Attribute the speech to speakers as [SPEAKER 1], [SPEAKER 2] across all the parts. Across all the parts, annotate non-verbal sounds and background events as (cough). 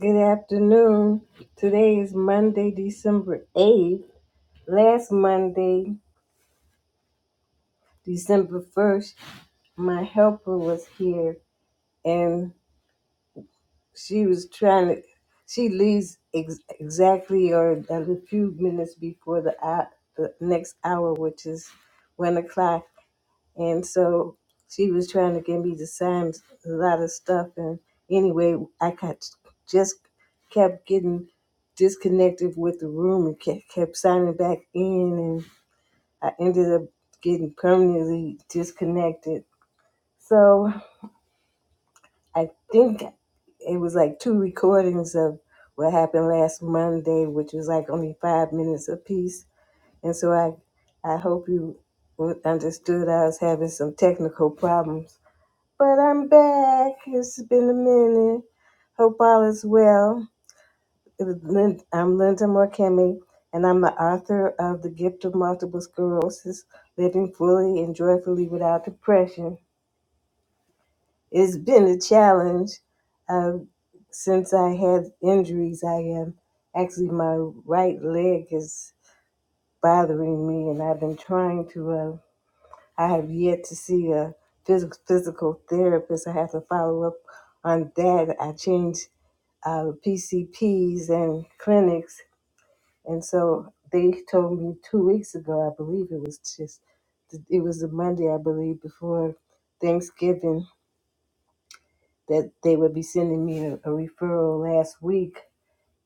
[SPEAKER 1] Good afternoon. Today is Monday, December 8th. Last Monday, December 1st, my helper was here and she was trying to, she leaves ex- exactly or a few minutes before the, hou- the next hour, which is 1 o'clock. And so she was trying to get me to sign a lot of stuff. And anyway, I got, just kept getting disconnected with the room and kept, kept signing back in. And I ended up getting permanently disconnected. So I think it was like two recordings of what happened last Monday, which was like only five minutes apiece. And so I, I hope you understood I was having some technical problems but I'm back. It's been a minute. Hope all is well. It was Lin- I'm Linda Morkemi, and I'm the author of The Gift of Multiple Sclerosis Living Fully and Joyfully Without Depression. It's been a challenge uh, since I had injuries. I am actually, my right leg is bothering me, and I've been trying to. uh, I have yet to see a phys- physical therapist. I have to follow up on that. I changed uh, PCPs and clinics, and so they told me two weeks ago. I believe it was just it was the Monday, I believe, before Thanksgiving that they would be sending me a, a referral last week,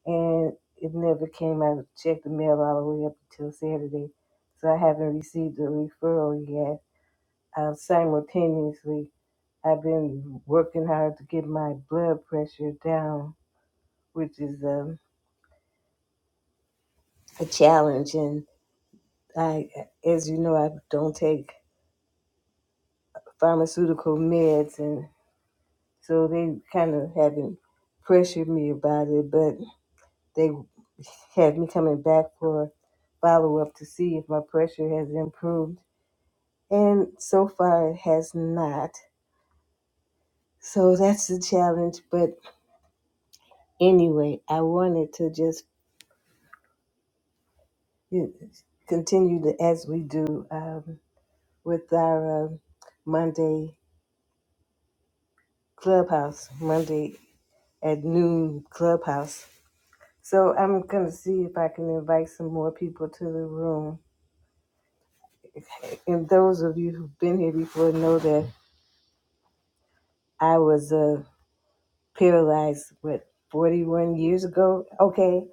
[SPEAKER 1] and it never came. I checked the mail all the way up until Saturday, so I haven't received a referral yet I've simultaneously I've been working hard to get my blood pressure down, which is um, a challenge. And I, as you know, I don't take pharmaceutical meds, and so they kind of haven't pressured me about it, but they have me coming back for follow up to see if my pressure has improved. And so far, it has not. So that's the challenge. But anyway, I wanted to just you continue to, as we do um, with our um Monday clubhouse, Monday at noon clubhouse. So I'm going to see if I can invite some more people to the room. And those of you who've been here before know that I was uh, paralyzed, what, 41 years ago? Okay,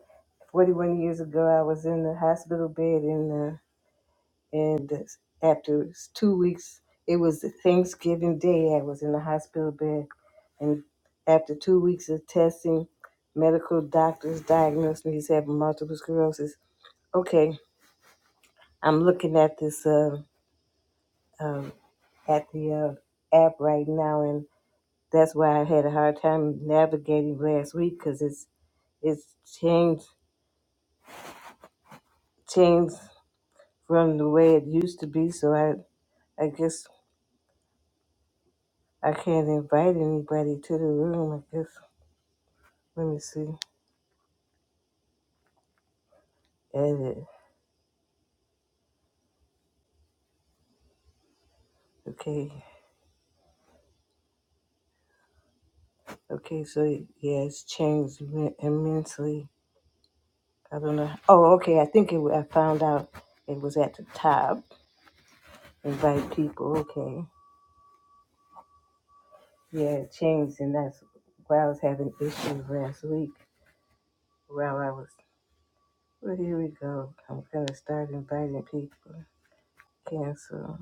[SPEAKER 1] 41 years ago, I was in the hospital bed in And after two weeks, it was Thanksgiving Day. I was in the hospital bed. And after two weeks of testing, medical doctors diagnosed me as having multiple sclerosis. Okay, I'm looking at this, uh, um, at the uh, app right now, and that's why I had a hard time navigating last week because it's it's changed changed from the way it used to be. So I I guess I can't invite anybody to the room. I guess Let me see. Edit. Okay. Okay. So yeah, it's changed im- immensely. I don't know. Oh, okay. I think it. wa- I found out it was at the top. Invite people. Okay. Yeah, it changed, and that's why I was having issues last week. While I was. Well, here we go. I'm gonna start inviting people. Cancel.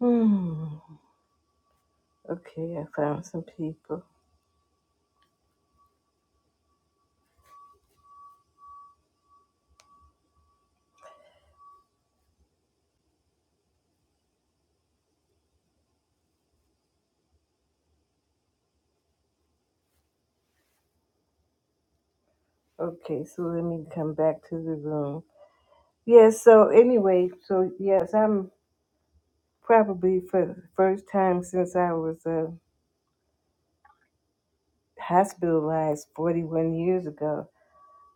[SPEAKER 1] Hmm. Okay. I found some people. Okay. So let me come back to the room. Yes. so anyway. So yes, I'm. probably for the first time since I was uh, hospitalized 41 years ago,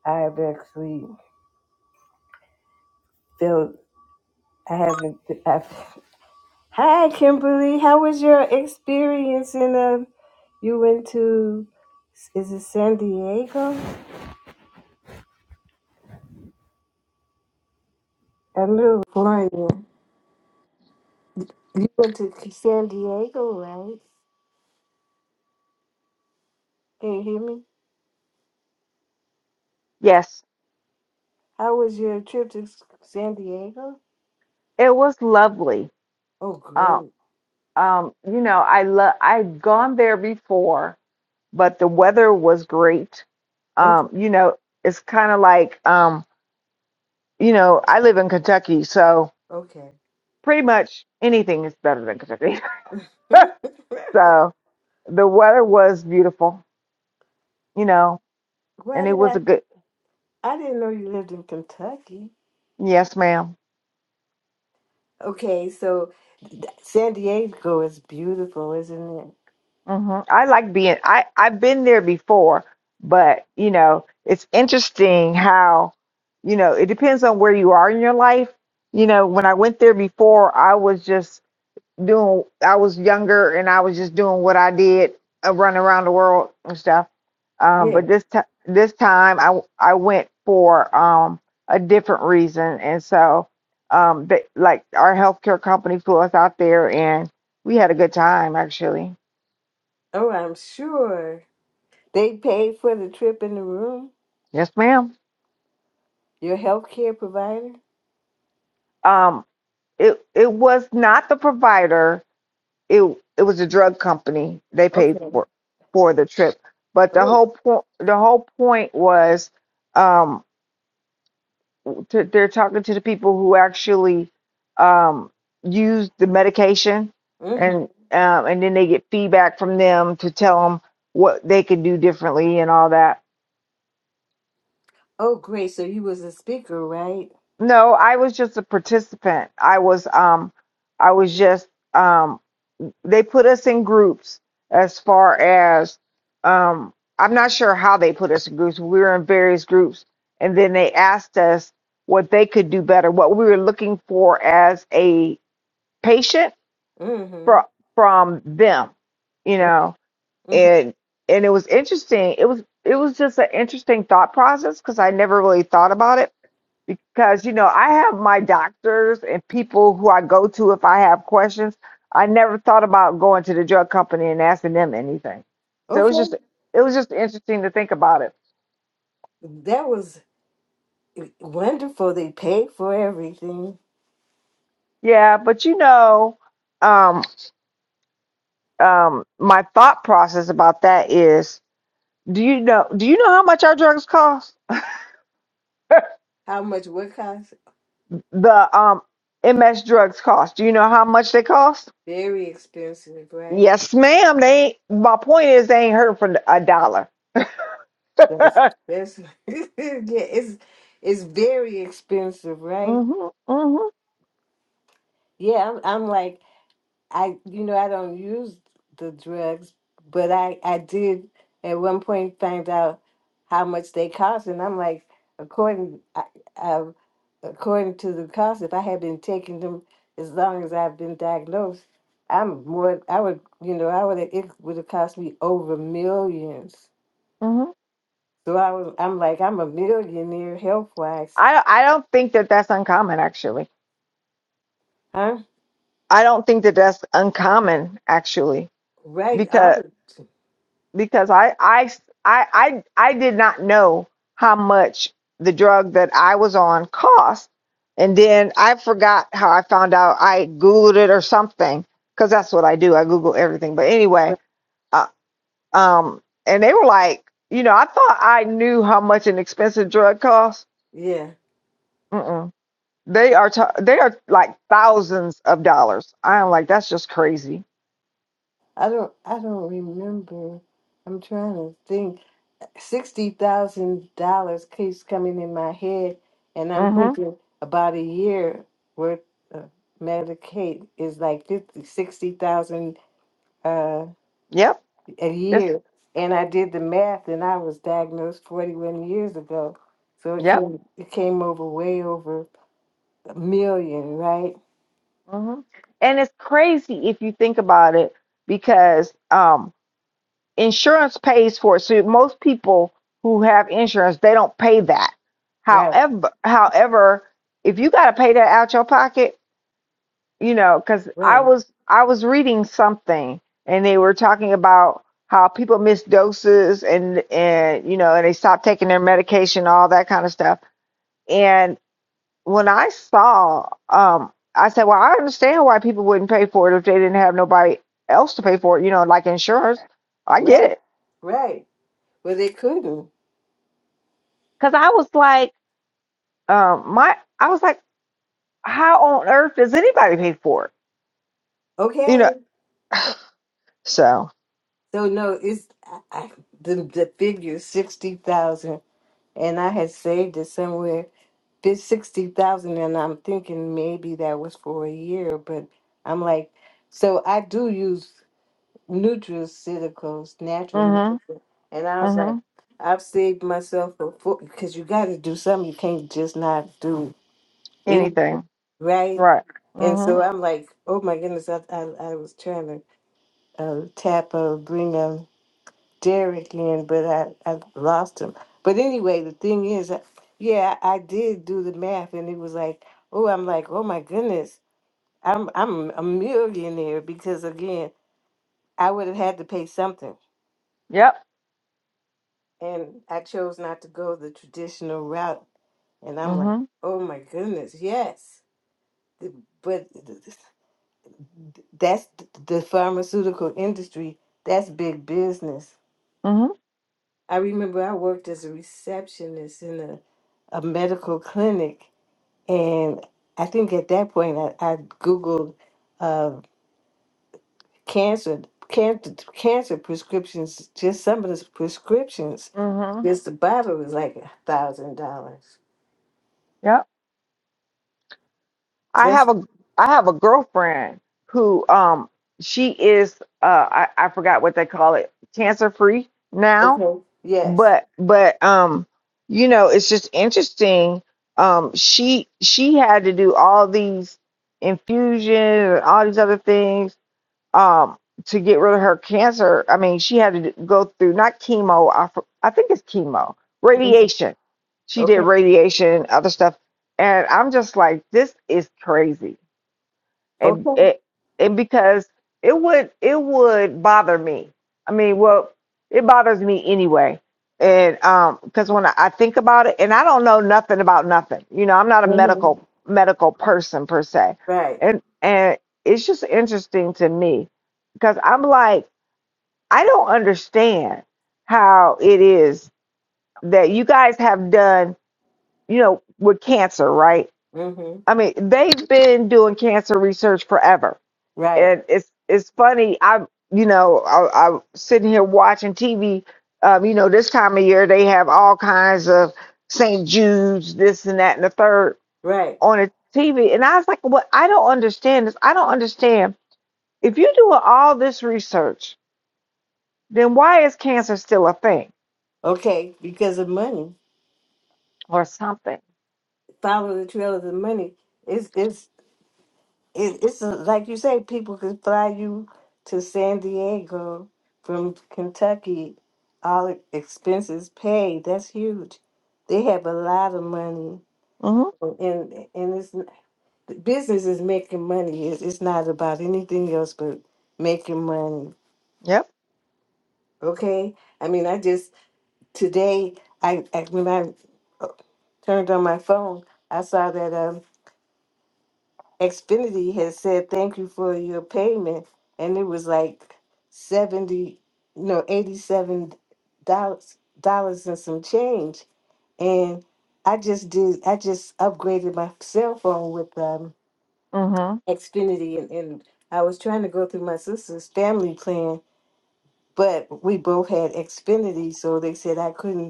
[SPEAKER 1] I've actually felt I haven't. I've, hi, Kimberly. How was your experience in uh, you went to is it San Diego? I'm in Florida. You went to San Diego, right? Can you hear me?
[SPEAKER 2] Yes,
[SPEAKER 1] How was your trip to S- San Diego?
[SPEAKER 2] it was lovely.
[SPEAKER 1] Oh,
[SPEAKER 2] Uh,
[SPEAKER 1] great.
[SPEAKER 2] um, you know, I love I'd gone there before, but the weather was great.
[SPEAKER 1] Okay,
[SPEAKER 2] Um, you know, it's kind of like um, you know, I live in Kentucky, so
[SPEAKER 1] okay.
[SPEAKER 2] pretty much anything is better than Kentucky.
[SPEAKER 1] (laughs)
[SPEAKER 2] (laughs) So the weather was beautiful, you know,
[SPEAKER 1] Why
[SPEAKER 2] and it
[SPEAKER 1] did
[SPEAKER 2] was a
[SPEAKER 1] I?
[SPEAKER 2] good,
[SPEAKER 1] I didn't know you lived in Kentucky.
[SPEAKER 2] yes, ma'am.
[SPEAKER 1] Okay, so th- San Diego is beautiful, isn't it?
[SPEAKER 2] hmm I like being I I've been there before, but you know, it's interesting how you know, it depends on where you are in your life. You know, when I went there before, I was just doing I was younger and I was just doing what I did, uh, running around the world and stuff. Um,
[SPEAKER 1] Yeah.
[SPEAKER 2] but this time this time I w- I went for um a different reason and so um they, like our healthcare company flew us out there and we had a good time actually.
[SPEAKER 1] Oh, I'm sure. They paid for the trip and the room?
[SPEAKER 2] Yes, ma'am.
[SPEAKER 1] Your health care provider?
[SPEAKER 2] um it it was not the provider it it was a drug company they paid
[SPEAKER 1] Okay.
[SPEAKER 2] for for the trip but the
[SPEAKER 1] Oh.
[SPEAKER 2] whole point the whole point was um to, they're talking to the people who actually um use the medication
[SPEAKER 1] Mm-hmm.
[SPEAKER 2] and um and then they get feedback from them to tell them what they could do differently and all that
[SPEAKER 1] Oh, great. So you was a speaker, right?
[SPEAKER 2] no i was just a participant i was um i was just um they put us in groups as far as um I'm not sure how they put us in groups. We were in various groups and then they asked us what they could do better, what we were looking for as a patient
[SPEAKER 1] Mm-hmm.
[SPEAKER 2] from from them, you know.
[SPEAKER 1] Mm-hmm.
[SPEAKER 2] And and it was interesting. It was it was just an interesting thought process because I never really thought about it because you know I have my doctors and people who I go to if I have questions. I never thought about going to the drug company and asking them anything. So it was
[SPEAKER 1] Okay.
[SPEAKER 2] just it was just interesting to think about it.
[SPEAKER 1] That was wonderful. They paid for everything.
[SPEAKER 2] Yeah, but you know, um, um, my thought process about that is, do you know do you know how much our drugs cost? (laughs)
[SPEAKER 1] How much would cost?
[SPEAKER 2] The um MS drugs cost. Do you know how much they cost?
[SPEAKER 1] Very expensive, right?
[SPEAKER 2] Yes, ma'am. They ain't, my point is they ain't hurt for a dollar. (laughs)
[SPEAKER 1] That's that's (laughs) yeah, it's it's very expensive, right?
[SPEAKER 2] hmm hmm
[SPEAKER 1] Yeah, I'm I'm like I you know, I don't use the drugs, but I I did at one point find out how much they cost and I'm like according I, I according to the cost if I had been taking them as long as I've been diagnosed, I'm more I would you know, I would it would have cost me over millions.
[SPEAKER 2] hmm
[SPEAKER 1] So I was I'm like I'm a millionaire health wise.
[SPEAKER 2] I I don't think that that's uncommon actually.
[SPEAKER 1] Huh?
[SPEAKER 2] I don't think that that's uncommon actually
[SPEAKER 1] Right.
[SPEAKER 2] because
[SPEAKER 1] out of
[SPEAKER 2] because I I I I, I did not know how much the drug that I was on cost, and then I forgot how I found out. I googled it or something because that's what I do. I Google everything. But anyway,
[SPEAKER 1] right.
[SPEAKER 2] uh, um, and they were like, you know, I thought I knew how much an expensive drug costs.
[SPEAKER 1] yeah.
[SPEAKER 2] They are t- they are like thousands of dollars. I'm like, that's just crazy.
[SPEAKER 1] I don't I don't remember. I'm trying to think. Sixty thousand dollars keeps coming in my head and I'm
[SPEAKER 2] Mm-hmm.
[SPEAKER 1] thinking about a year worth of Medicaid is like fifty sixty thousand uh
[SPEAKER 2] Yep.
[SPEAKER 1] a
[SPEAKER 2] It's
[SPEAKER 1] year. And I did the math and I was diagnosed forty one years ago. So it
[SPEAKER 2] yep.
[SPEAKER 1] came it came over way over a million, right?
[SPEAKER 2] Mm-hmm. And it's crazy if you think about it because um, insurance pays for it. So most people who have insurance, they don't pay that.
[SPEAKER 1] Right,
[SPEAKER 2] However, however, if you got to pay that out your pocket, you know, because I
[SPEAKER 1] right,
[SPEAKER 2] was I was reading something and they were talking about how people miss doses and and you know and they stop taking their medication, all that kind of stuff. And when I saw, um, I said, well, I understand why people wouldn't pay for it if they didn't have nobody else to pay for it, you know, like insurance. I get
[SPEAKER 1] right,
[SPEAKER 2] it,
[SPEAKER 1] right. Well, they couldn't.
[SPEAKER 2] because I was like, um, my I was like, how on earth does anybody pay for it? You know,
[SPEAKER 1] Okay.
[SPEAKER 2] so
[SPEAKER 1] So no, it's I, I, the the figure sixty thousand, and I had saved it somewhere. It's sixty thousand, and I'm thinking maybe that was for a year, but I'm like, so I do use nutraceuticals, natural
[SPEAKER 2] mm-hmm,
[SPEAKER 1] medicine, and I was
[SPEAKER 2] mm-hmm,
[SPEAKER 1] like, I've saved myself a four because you got to do something. You can't just not do anything,
[SPEAKER 2] anything,
[SPEAKER 1] right?
[SPEAKER 2] right?
[SPEAKER 1] And
[SPEAKER 2] Mm-hmm.
[SPEAKER 1] so I'm like, oh my goodness, I I, I was trying to uh, Tapper, bring um, Derek in, but I, I lost him. But anyway, the thing is, uh, yeah, I did do the math, and it was like, oh, I'm like, oh my goodness, I'm I'm a millionaire because again, I would have had to pay something,
[SPEAKER 2] Yep.
[SPEAKER 1] and I chose not to go the traditional route, and I'm like,
[SPEAKER 2] Mhm.
[SPEAKER 1] oh my goodness, yes, Th- but th- th- that's th- the pharmaceutical industry. That's big business
[SPEAKER 2] Mhm.
[SPEAKER 1] I remember I worked as a receptionist in a, a medical clinic, and I think at that point I, I googled uh, cancer, cancer, cancer prescriptions. Just some of the prescriptions,
[SPEAKER 2] Mhm.
[SPEAKER 1] just the bottle was like a thousand dollars.
[SPEAKER 2] Yep. I
[SPEAKER 1] That's
[SPEAKER 2] have a I have a girlfriend who um she is uh I, I forgot what they call it cancer free now
[SPEAKER 1] okay. Yes.
[SPEAKER 2] but but um you know it's just interesting um she she had to do all these infusions and all these other things um, to get rid of her cancer. I mean, she had to d- go through not chemo, I, f- I think it's chemo,
[SPEAKER 1] Mhm.
[SPEAKER 2] radiation. She did
[SPEAKER 1] Okay.
[SPEAKER 2] radiation and other stuff. And I'm just like, this is crazy
[SPEAKER 1] Okay.
[SPEAKER 2] and it, and because it would it would bother me. I mean, well, it bothers me anyway, and um, because when I, I think about it, and I don't know nothing about nothing, you know, I'm not a
[SPEAKER 1] hmm
[SPEAKER 2] medical medical person per se,
[SPEAKER 1] Right.
[SPEAKER 2] and and it's just interesting to me because I'm like I don't understand how it is that you guys have done, you know, with cancer, right?
[SPEAKER 1] hmm
[SPEAKER 2] I mean, they've been doing cancer research forever
[SPEAKER 1] Right.
[SPEAKER 2] and it's it's funny. I you know I, I'm sitting here watching TV. Um, you know this time of year they have all kinds of St. Jude's, this and that and the third
[SPEAKER 1] Right.
[SPEAKER 2] on the TV, and I was like, "What? I don't understand this. I don't understand. If you're doing all this research, then why is cancer still a thing
[SPEAKER 1] Okay. Because of money,
[SPEAKER 2] or something?"
[SPEAKER 1] follow the trail of the money. It's it's it, it's a, like you say, people could fly you to San Diego from Kentucky, all expenses paid. That's huge. They have a lot of money,
[SPEAKER 2] Mm-hmm.
[SPEAKER 1] and and it's the business is making money. It's, it's not about anything else but making money.
[SPEAKER 2] Yep.
[SPEAKER 1] Okay, I mean, I just today I, I when I uh, turned on my phone, I saw that. um, Xfinity had said thank you for your payment, and it was like seventy, no, eighty-seven dollars dollars and some change. And I just did, I just upgraded my cell phone with um,
[SPEAKER 2] Mm-hmm.
[SPEAKER 1] Xfinity, and, and I was trying to go through my sister's family plan, but we both had Xfinity, so they said I couldn't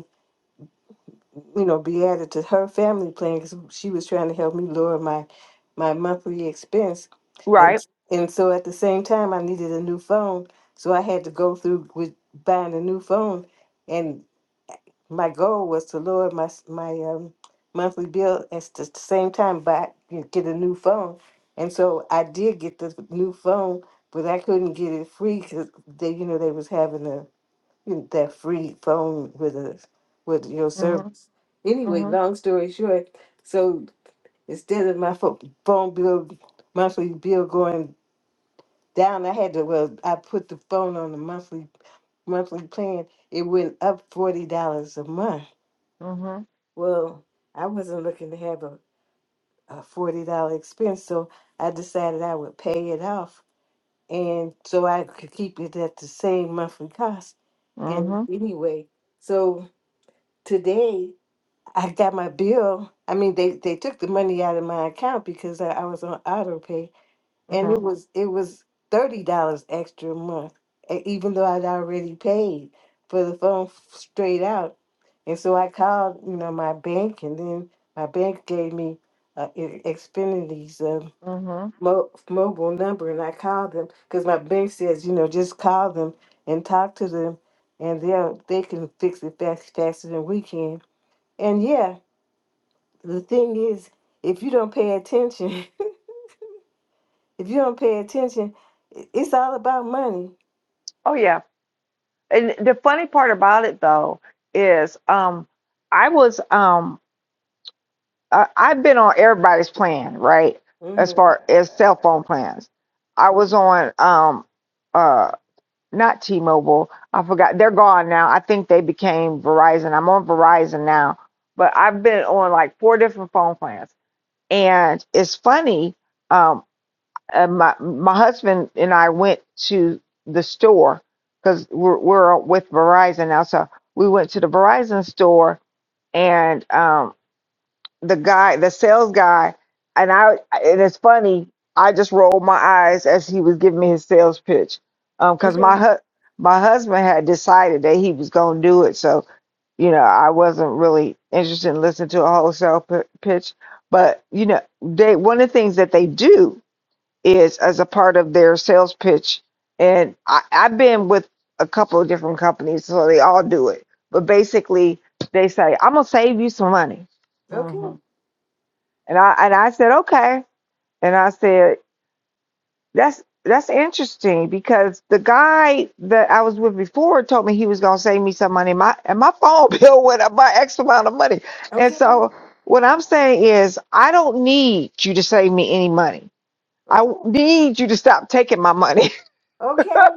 [SPEAKER 1] you know, be added to her family plan because she was trying to help me lower my my monthly expense, and
[SPEAKER 2] Right.
[SPEAKER 1] and so at the same time I needed a new phone, so I had to go through with buying a new phone, and my goal was to lower my s- my um, monthly bill and s- at the same time buy get get a new phone, and so I did get the new phone, but I couldn't get it free because they you know they was having a you- that free phone with a with your
[SPEAKER 2] Mm-hmm.
[SPEAKER 1] service. Anyway,
[SPEAKER 2] Mm-hmm.
[SPEAKER 1] long story short, so instead of my pho- phone bill, monthly bill going down, I had to well, I put the phone on the monthly monthly plan. It went up forty dollars a month.
[SPEAKER 2] Mm-hmm.
[SPEAKER 1] Well, I wasn't looking to have a, a forty dollar expense, so I decided I would pay it off, and so I could keep it at the same monthly cost. And
[SPEAKER 2] Mm-hmm.
[SPEAKER 1] anyway, so today I got my bill. I mean, they they took the money out of my account because I, I was on auto pay, and
[SPEAKER 2] Mm-hmm.
[SPEAKER 1] it was it was thirty dollars extra a month, e- even though I'd already paid for the phone f- straight out. And so I called, you know, my bank, and then my bank gave me uh, I- Xfinity's uh,
[SPEAKER 2] Mm-hmm.
[SPEAKER 1] mo- mobile number, and I called them because my bank says, you know, just call them and talk to them, and they'll they can fix it fast, faster than we can. And yeah the thing is, if you don't pay attention, (laughs) if you don't pay attention, i- it's all about money.
[SPEAKER 2] Oh yeah. and the funny part about it though is um i was um I, i've been on everybody's plan right as
[SPEAKER 1] hmm
[SPEAKER 2] far as cell phone plans i was on um uh not t-mobile i forgot they're gone now i think they became verizon i'm on verizon now but i've been on like four different phone plans and it's funny um, uh, my my husband and I went to the store because we're, we're with Verizon now. So we went to the Verizon store, and um, the guy, the sales guy, and I. And it's funny. I just rolled my eyes as he was giving me his sales pitch, because my
[SPEAKER 1] Okay.
[SPEAKER 2] hu- my husband had decided that he was going to do it. So you know, I wasn't really interested in listening to a wholesale p- pitch. But you know, they one of the things that they do is as a part of their sales pitch. And I, I've been with a couple of different companies, so they all do it. But basically, they say, "I'm gonna save you some money,"
[SPEAKER 1] Okay.
[SPEAKER 2] hmm and I and I said, "Okay," and I said, "That's." That's interesting because the guy that I was with before told me he was gonna save me some money. My and my phone (laughs) bill went up by X amount of money, and
[SPEAKER 1] Okay.
[SPEAKER 2] so what I'm saying is I don't need you to save me any money. I
[SPEAKER 1] Okay.
[SPEAKER 2] w- need you to stop taking my money. (laughs)
[SPEAKER 1] Okay.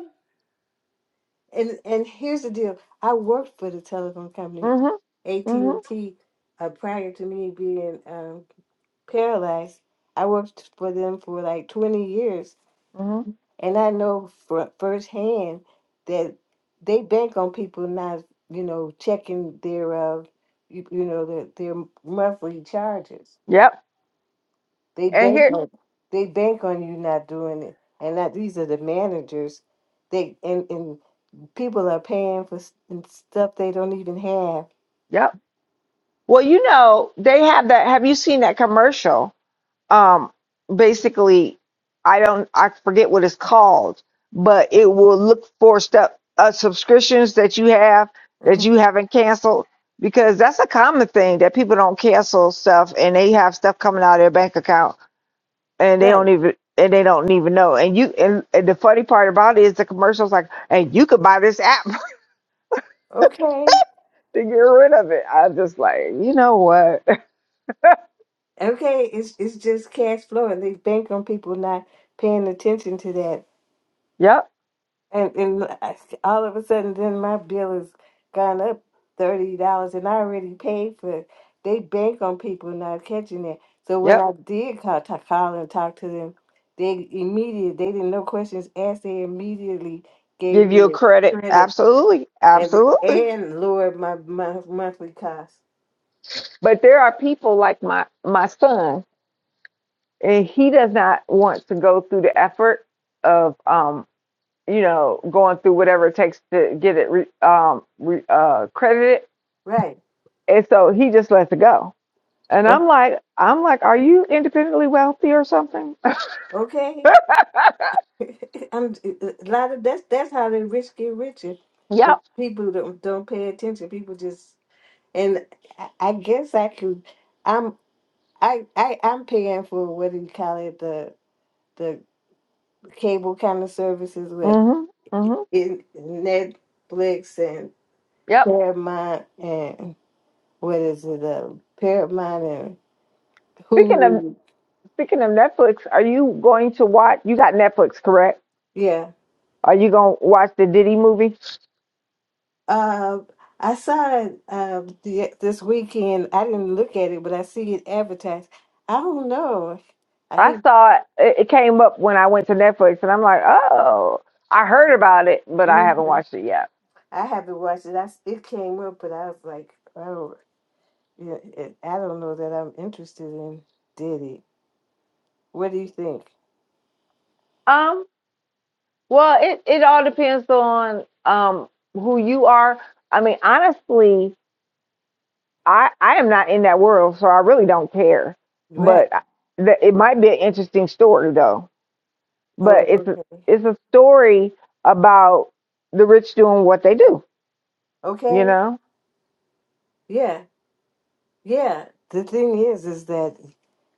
[SPEAKER 1] And and here's the deal. I worked for the telephone company,
[SPEAKER 2] Mm-hmm.
[SPEAKER 1] AT and
[SPEAKER 2] Mm-hmm.
[SPEAKER 1] T, uh, prior to me being um, paralyzed. I worked for them for like 20 years
[SPEAKER 2] Mm-hmm.
[SPEAKER 1] And I know fr- firsthand that they bank on people not, you know, checking their, uh, you, you know, their, their monthly charges.
[SPEAKER 2] Yep.
[SPEAKER 1] They
[SPEAKER 2] And
[SPEAKER 1] bank
[SPEAKER 2] here,
[SPEAKER 1] on, they bank on you not doing it. And that these are the managers. They and, and people are paying for s- and stuff they don't even have.
[SPEAKER 2] yep. Well, you know, they have that. Have you seen that commercial? Um, basically, I don't, I forget what it's called, but it will look for stuff, uh, subscriptions that you have that
[SPEAKER 1] Mhm.
[SPEAKER 2] you haven't canceled because that's a common thing that people don't cancel stuff and they have stuff coming out of their bank account and they don't
[SPEAKER 1] Right.
[SPEAKER 2] even and they don't even know. And you and, and the funny part about it is the commercials like, and you could buy this app
[SPEAKER 1] Okay.
[SPEAKER 2] to get rid of it. I just like, you know what? (laughs)
[SPEAKER 1] Okay. It's it's just cash flow, and they bank on people not paying attention to that
[SPEAKER 2] Yep,
[SPEAKER 1] And and I- s- all of a sudden, then my bill has gone up thirty dollars, and I already paid for it. They bank on people not catching it. So when
[SPEAKER 2] yep.
[SPEAKER 1] I did call, to call and talk to them, they immediately they didn't no questions asked. They immediately gave
[SPEAKER 2] Give you a
[SPEAKER 1] me a
[SPEAKER 2] credit.
[SPEAKER 1] credit
[SPEAKER 2] Absolutely.
[SPEAKER 1] and
[SPEAKER 2] Absolutely.
[SPEAKER 1] and lowered my mon- monthly cost.
[SPEAKER 2] But there are people like my my son, and he does not want to go through the effort of um, you know, going through whatever it takes to get it re, um re, uh credited.
[SPEAKER 1] Right?
[SPEAKER 2] And so he just lets it go. And
[SPEAKER 1] O-
[SPEAKER 2] I'm like, I'm like, are you independently wealthy or something?
[SPEAKER 1] Okay.
[SPEAKER 2] (laughs)
[SPEAKER 1] (laughs) I'm a lot of that's that's how the rich get richer. 'Cause
[SPEAKER 2] Yep.
[SPEAKER 1] People don't don't pay attention. People just And I I guess I could, I'm, I, I, I'm paying for what do you call it, the, the cable kind of services with
[SPEAKER 2] Mm-hmm. Mm-hmm.
[SPEAKER 1] in- Netflix and
[SPEAKER 2] Yep.
[SPEAKER 1] Paramount and what is it, uh, Paramount and
[SPEAKER 2] Speaking of
[SPEAKER 1] Hulu.
[SPEAKER 2] Speaking of Netflix, are you going to watch? You got Netflix, correct?
[SPEAKER 1] Yeah.
[SPEAKER 2] Are you going to watch the Diddy movie?
[SPEAKER 1] Uh, I saw it uh, the, this weekend. I didn't look at it, but I see it advertised. I don't know. I
[SPEAKER 2] I
[SPEAKER 1] hate,
[SPEAKER 2] saw it, it came up when I went to Netflix, and I'm like, oh, I heard about it, but I haven't
[SPEAKER 1] mhm.
[SPEAKER 2] watched it yet.
[SPEAKER 1] I haven't watched it. I, it came up, but I was like, oh. Yeah, it, I don't know that I'm interested in Diddy. What do you think?
[SPEAKER 2] Um, well, it it all depends on um who you are. I mean, honestly, I I am not in that world, so I really don't care.
[SPEAKER 1] Right.
[SPEAKER 2] But I- the, it might be an interesting story though.
[SPEAKER 1] Oh,
[SPEAKER 2] But it's a,
[SPEAKER 1] okay.
[SPEAKER 2] it's a story about the rich doing what they do You
[SPEAKER 1] Okay.
[SPEAKER 2] know?
[SPEAKER 1] Yeah. Yeah. The thing is, is that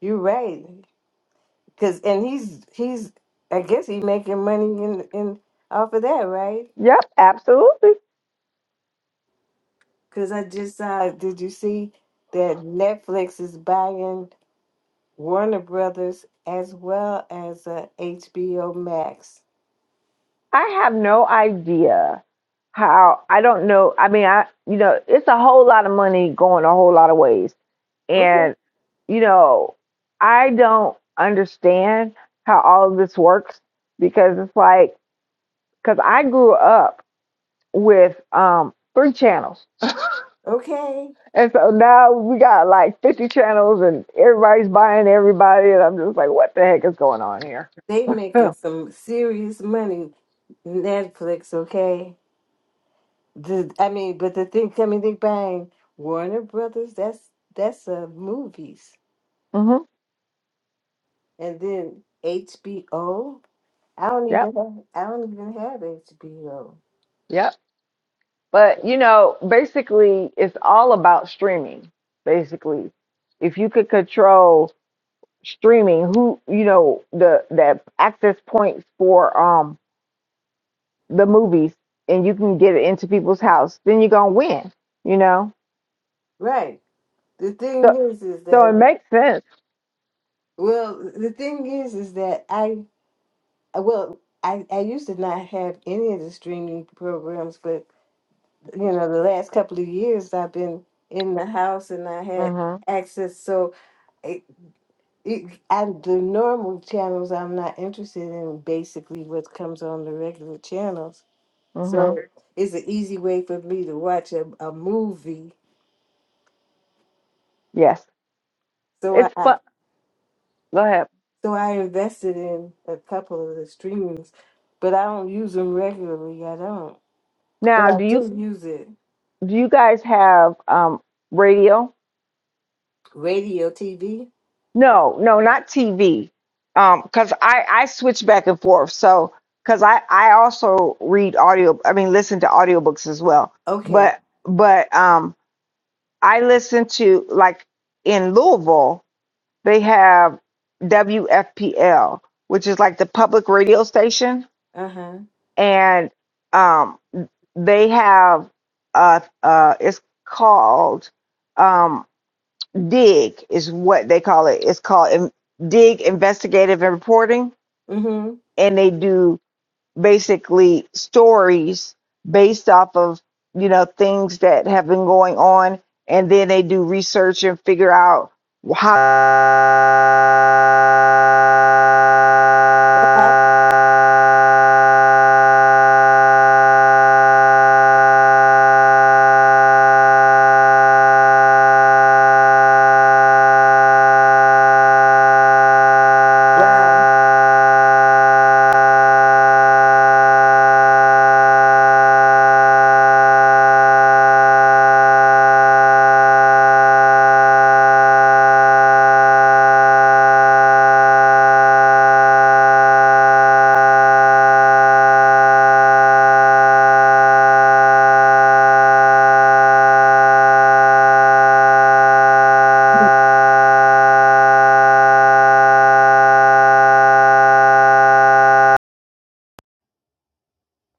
[SPEAKER 1] you're right. Cause and he's he's I guess he making money in in off of that, right?
[SPEAKER 2] Yep, absolutely.
[SPEAKER 1] Cause I just saw. Did you see that Netflix is buying Warner Brothers as well as uh, HBO Max?
[SPEAKER 2] I have no idea how I don't know. I mean, I you know, it's a whole lot of money going a whole lot of ways.
[SPEAKER 1] Okay.
[SPEAKER 2] And you know, I don't understand how all of this works because it's like cuz I grew up with um three channels.
[SPEAKER 1] Okay.
[SPEAKER 2] And so now we got like 50 channels and everybody's buying everybody and I'm just like what the heck is going on here?
[SPEAKER 1] They making some serious money, Netflix. Okay, the, I mean, but the thing coming, think bang, Warner Brothers. That's that's uh movies,
[SPEAKER 2] mhm.
[SPEAKER 1] and then HBO. I don't
[SPEAKER 2] Yep.
[SPEAKER 1] even have, I don't even have HBO.
[SPEAKER 2] Yep. But you know, basically, it's all about streaming. Basically, if you could control streaming, who you know the the access points for um the movies, and you can get it into people's house, then you're gonna win. You know,
[SPEAKER 1] Right. The thing
[SPEAKER 2] so
[SPEAKER 1] is, is
[SPEAKER 2] so it
[SPEAKER 1] that
[SPEAKER 2] makes sense.
[SPEAKER 1] well, the thing is, is that I well, I I used to not have any of the streaming programs, but you know, the last couple of years I've been in the house and I had
[SPEAKER 2] Mhm.
[SPEAKER 1] access. So it, it, I, the normal channels I'm not interested in, basically what comes on the regular channels. So
[SPEAKER 2] Mhm.
[SPEAKER 1] Sure. it's an easy way for me to watch a, a movie.
[SPEAKER 2] Yes,
[SPEAKER 1] So I,
[SPEAKER 2] it's
[SPEAKER 1] I
[SPEAKER 2] fun. Go ahead.
[SPEAKER 1] so I invested in a couple of the streamings, but I don't use them regularly. I don't, but
[SPEAKER 2] Now,
[SPEAKER 1] I
[SPEAKER 2] do you
[SPEAKER 1] do use it.
[SPEAKER 2] do you guys have um radio?
[SPEAKER 1] Radio, TV.
[SPEAKER 2] No, no, not TV. Um, 'cause because I I switch back and forth. So because I I also read audio. I mean, listen to audiobooks as well.
[SPEAKER 1] Okay.
[SPEAKER 2] But but um, I listen to like in Louisville they have WFPL, which is like the public radio station,
[SPEAKER 1] Uh huh.
[SPEAKER 2] and um, they have uh uh it's called um, dig is what they call it it's called dig investigative and reporting
[SPEAKER 1] Mhm.
[SPEAKER 2] and they do basically stories based off of you know things that have been going on and then they do research and figure out how.
[SPEAKER 1] What happened? Wow.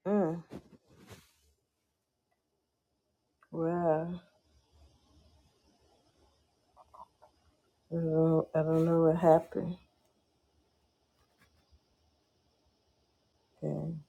[SPEAKER 1] Mm, well, I don't, know- I don't know what happened. then.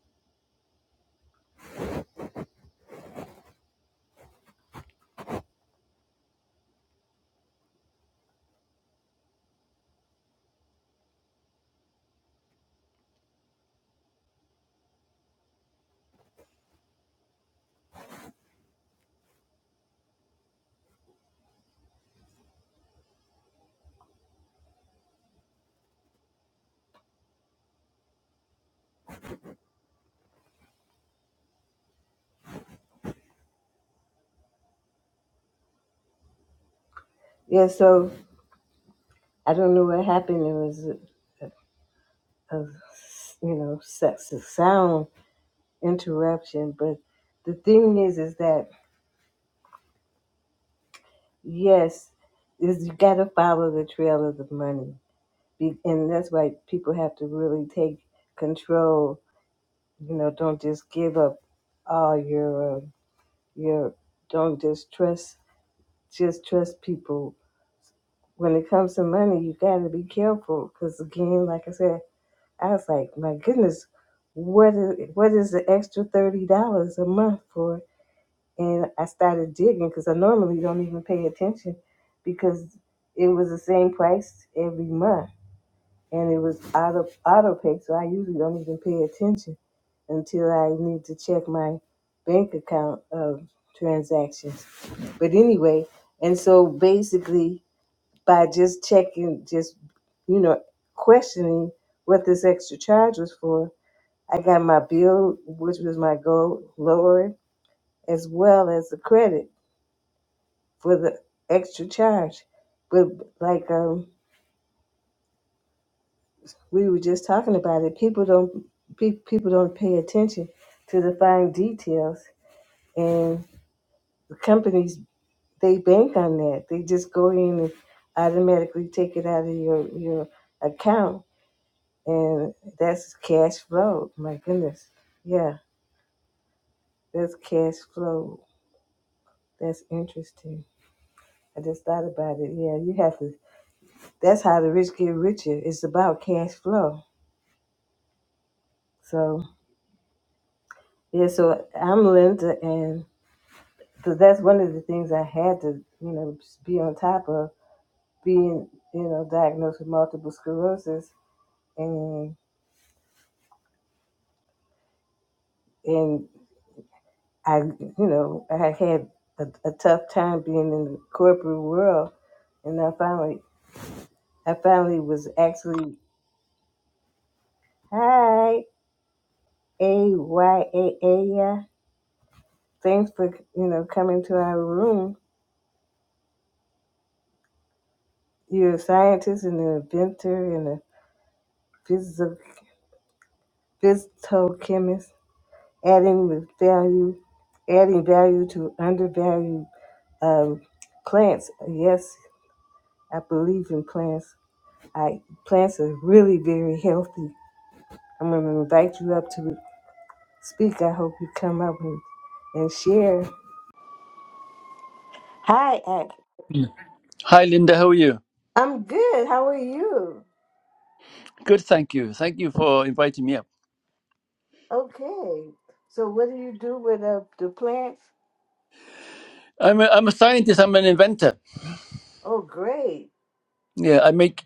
[SPEAKER 1] Yeah, so I don't know what happened. It was a a, a you know sex a sound interruption, but the thing is, is that yes, is you got to follow the trail of the money, Be, and that's why people have to really take control. You know, don't just give up all your uh, your. Don't just trust. Just trust people when it comes to money, you got to be careful because again, like I said, I was like, my goodness, what is what is the extra thirty dollars a month for? And I started digging because I normally don't even pay attention because it was the same price every month and it was out of auto pay, so I usually don't even pay attention until I need to check my bank account of transactions. But anyway, and so basically by just checking, just you know, questioning what this extra charge was for. I got my bill, which was my goal, lower, as well as the credit for the extra charge. But like um, we were just talking about it, people don't pe- people don't pay attention to the fine details, and the companies they bank on that. They just go in and automatically take it out of your your account and that's cash flow. My goodness, yeah, that's cash flow. That's interesting. I just thought about it. Yeah, you have to. That's how the rich get richer. It's about cash flow. So yeah, so I'm Linda, and so that's one of the things I had to, you know, just be on top of being, you know, diagnosed with multiple sclerosis, and and I, you know, I had a, a tough time being in the corporate world, and I finally I finally was actually hi A Y A A yeah. Thanks for you know coming to our room. You're a scientist and an inventor and a physical physicochemist, adding with value, adding value to undervalued um, plants. Yes, I believe in plants. I plants are really very healthy. I'm going to invite you up to speak. I hope you come up and, and share. Hi, Ak.
[SPEAKER 3] Mm. Hi, Linda. How are you?
[SPEAKER 1] I'm good. How are you?
[SPEAKER 3] Good, thank you. Thank you for inviting me up.
[SPEAKER 1] Okay. So, what do you do with uh, the plants?
[SPEAKER 3] I'm a, I'm a scientist. I'm an inventor.
[SPEAKER 1] Oh, great.
[SPEAKER 3] Yeah, I make.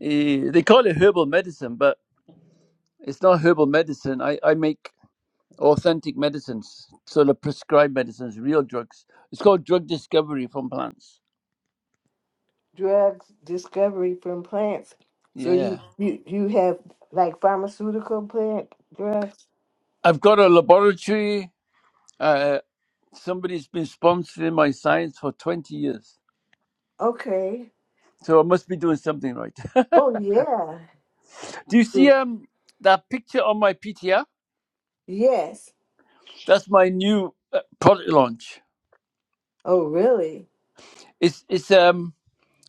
[SPEAKER 3] Uh, they call it herbal medicine, but it's not herbal medicine. I, I make authentic medicines, sort of prescribed medicines, real drugs. It's called drug discovery from plants.
[SPEAKER 1] Drug discovery from plants. So,
[SPEAKER 3] Yeah,
[SPEAKER 1] you, you, you have like pharmaceutical plant drugs?
[SPEAKER 3] I've got a laboratory. Uh, somebody's been sponsoring my science for twenty years,
[SPEAKER 1] Okay.
[SPEAKER 3] so I must be doing something right. (laughs)
[SPEAKER 1] Oh, yeah.
[SPEAKER 3] Do you see
[SPEAKER 1] Mm.
[SPEAKER 3] um that picture on my PTR?
[SPEAKER 1] Yes.
[SPEAKER 3] That's my new uh, product launch.
[SPEAKER 1] Oh, really?
[SPEAKER 3] It's it's um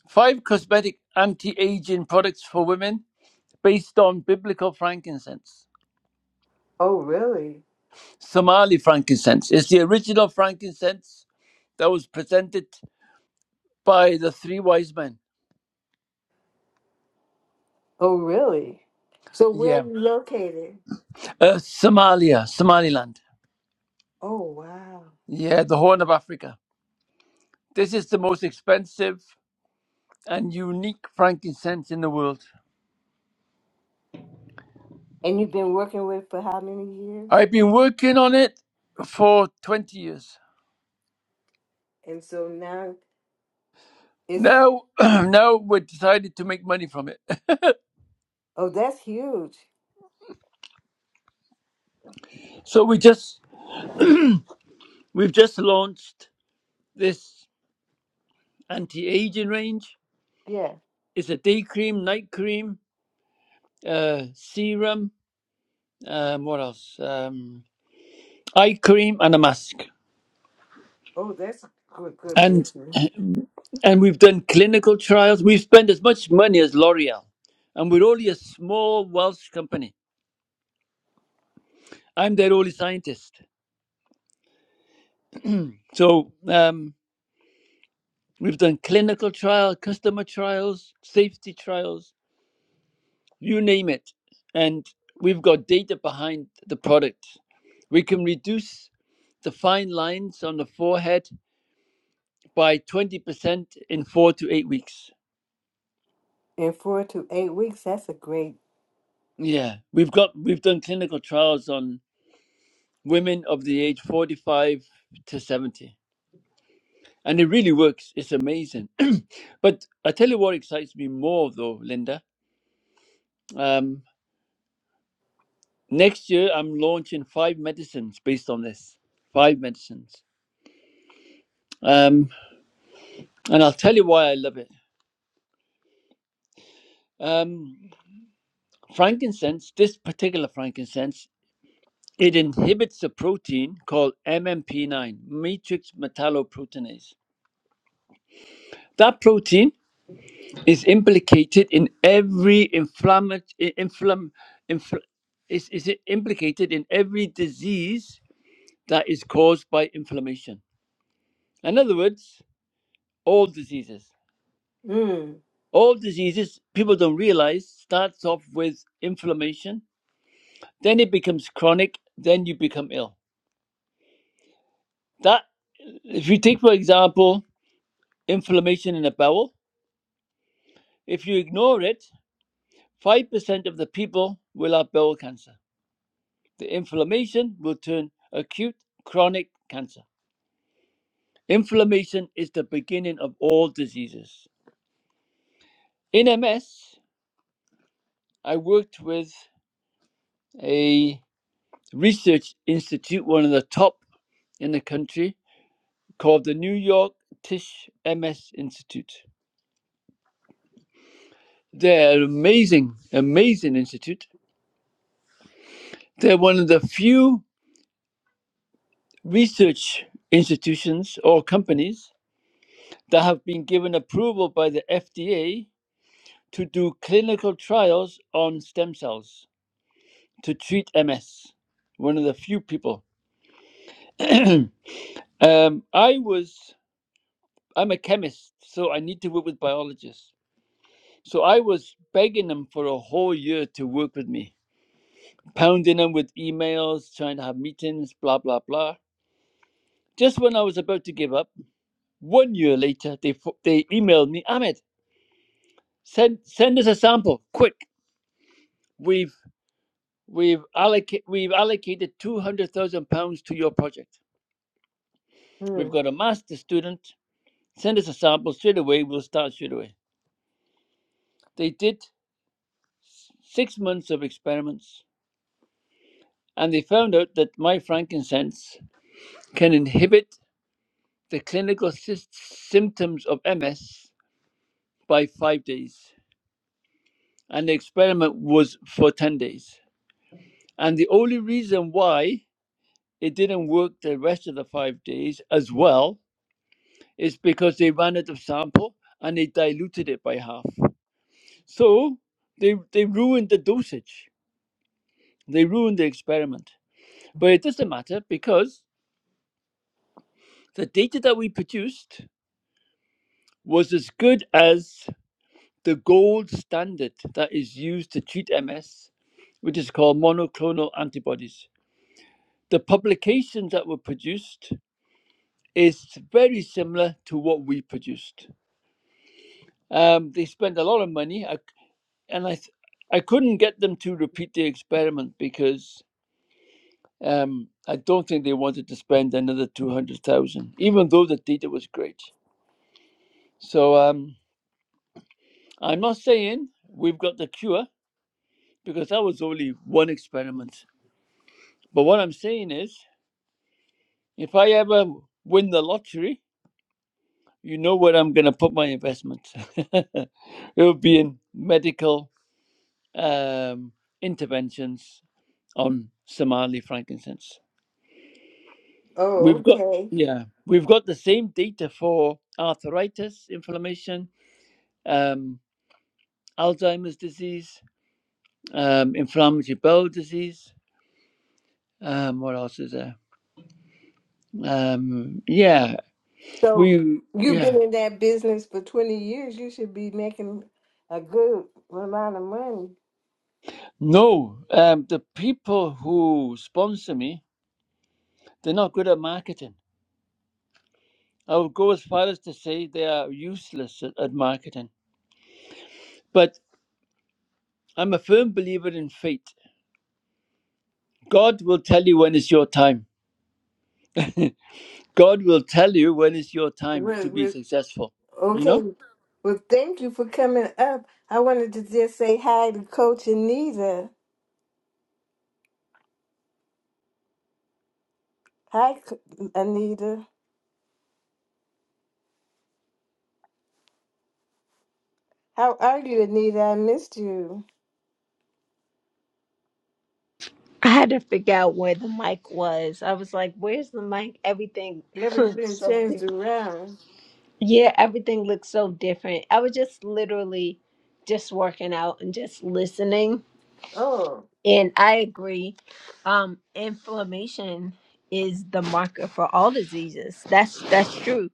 [SPEAKER 3] five cosmetic anti-aging products for women based on biblical frankincense,
[SPEAKER 1] Oh, really?
[SPEAKER 3] Somali frankincense. It's the original frankincense that was presented by the three wise men.
[SPEAKER 1] Oh, really? So, where are
[SPEAKER 3] Yeah,
[SPEAKER 1] you located?
[SPEAKER 3] uh, Somalia, Somaliland.
[SPEAKER 1] Oh, wow.
[SPEAKER 3] Yeah, the Horn of Africa. This is the most expensive and unique frankincense in the world.
[SPEAKER 1] And you've been working with for how many years?
[SPEAKER 3] I've been working on it for 20 years.
[SPEAKER 1] And so now it's,
[SPEAKER 3] Now, (clears throat) now we decided to make money from it. (laughs)
[SPEAKER 1] oh, that's huge.
[SPEAKER 3] So we just we've just launched this anti-aging range.
[SPEAKER 1] Yeah.
[SPEAKER 3] It's a day cream, night cream, uh, serum. Um, what else? Um, eye cream and a mask.
[SPEAKER 1] Oh, that's a good, good
[SPEAKER 3] And
[SPEAKER 1] business.
[SPEAKER 3] (clears throat) and we've done clinical trials. We've spent as much money as L'Oreal, and we're only a small Welsh company. I'm their only scientist. So um, we've done clinical trial, customer trials, safety trials you name it. And we've got data behind the product. We can reduce the fine lines on the forehead by 20% in four to eight weeks.
[SPEAKER 1] In four to eight weeks, that's a great.
[SPEAKER 3] Yeah, we've got we've done clinical trials on women of the age 45 to 70, and it really works. It's amazing. (clears throat) but I tell you what excites me more, though, Linda. Um, next year, I'm launching five medicines based on this. Five medicines, um, and I'll tell you why I love it. Um, frankincense, this particular frankincense, it inhibits a protein called MMP9, matrix metalloproteinase. That protein is implicated in every inflammatory, inflam, infl, is, is it implicated in every disease that is caused by inflammation. In other words, all diseases.
[SPEAKER 1] Mm.
[SPEAKER 3] All diseases, people don't realize, starts off with inflammation, then it becomes chronic, then you become ill. That If you take, for example, inflammation in the bowel, if you ignore it, 5% of the people will have bowel cancer. The inflammation will turn acute chronic cancer. Inflammation is the beginning of all diseases. In MS, I worked with a research institute, one of the top in the country, called the New York Tisch MS Institute. They're an amazing, amazing institute. They're one of the few research institutions or companies that have been given approval by the FDA to do clinical trials on stem cells to treat MS. One of the few people. (clears throat) um, I was, I'm a chemist, so I need to work with biologists. So I was begging them for a whole year to work with me, pounding them with emails, trying to have meetings, blah, blah, blah. Just when I was about to give up, one year later, they, fo- they emailed me, Ahmed, Send send us a sample, quick. We've we've allocated we've allocated two hundred thousand pounds to your project. We've
[SPEAKER 1] Mm.
[SPEAKER 3] got a master student. Send us a sample straight away. We'll start straight away. They did six months of experiments, and they found out that my frankincense can inhibit the clinical sys- symptoms of MS by five days. And the experiment was for ten days. And the only reason why it didn't work the rest of the five days as well It's because they ran out of sample and they diluted it by half. So they they ruined the dosage. They ruined the experiment. But it doesn't matter because the data that we produced was as good as the gold standard that is used to treat MS, which is called monoclonal antibodies. The publications that were produced is very similar to what we produced. Um, they spent a lot of money. I, and I th- I couldn't get them to repeat the experiment because um, I don't think they wanted to spend another two hundred thousand, even though the data was great. So um, I'm not saying we've got the cure because that was only one experiment. But what I'm saying is, if I ever win the lottery, you know where I'm going to put my investment. (laughs) it will be in medical um, interventions on Somali frankincense.
[SPEAKER 1] Oh,
[SPEAKER 3] We've got
[SPEAKER 1] okay.
[SPEAKER 3] yeah, we've got the same data for arthritis, inflammation, um, Alzheimer's disease, um, inflammatory bowel disease. Um, what else is there? Um, yeah,
[SPEAKER 1] So
[SPEAKER 3] we
[SPEAKER 1] you've
[SPEAKER 3] yeah.
[SPEAKER 1] been in that business for 20 years. You should be making a good amount of money.
[SPEAKER 3] No, um, the people who sponsor me, they're not good at marketing. I would go as far as to say they are useless at, at marketing. But I'm a firm believer in fate. God will tell you when it's your time. (laughs) God will tell you when is your time to
[SPEAKER 1] Well,
[SPEAKER 3] be
[SPEAKER 1] well,
[SPEAKER 3] successful, you know?
[SPEAKER 1] okay. Well, thank you for coming up. I wanted to just say hi to Coach Anita. Hi, Co- Anita. How are you, Anita? I missed you.
[SPEAKER 4] I had to figure out where the mic was. I was like, where's the mic? Everything (laughs) looks
[SPEAKER 1] Everything
[SPEAKER 4] so
[SPEAKER 1] changed
[SPEAKER 4] different.
[SPEAKER 1] around.
[SPEAKER 4] Yeah, everything looks so different. I was just literally just working out and just listening.
[SPEAKER 1] Oh.
[SPEAKER 4] And I agree. Um, inflammation is the marker for all diseases. That's that's true.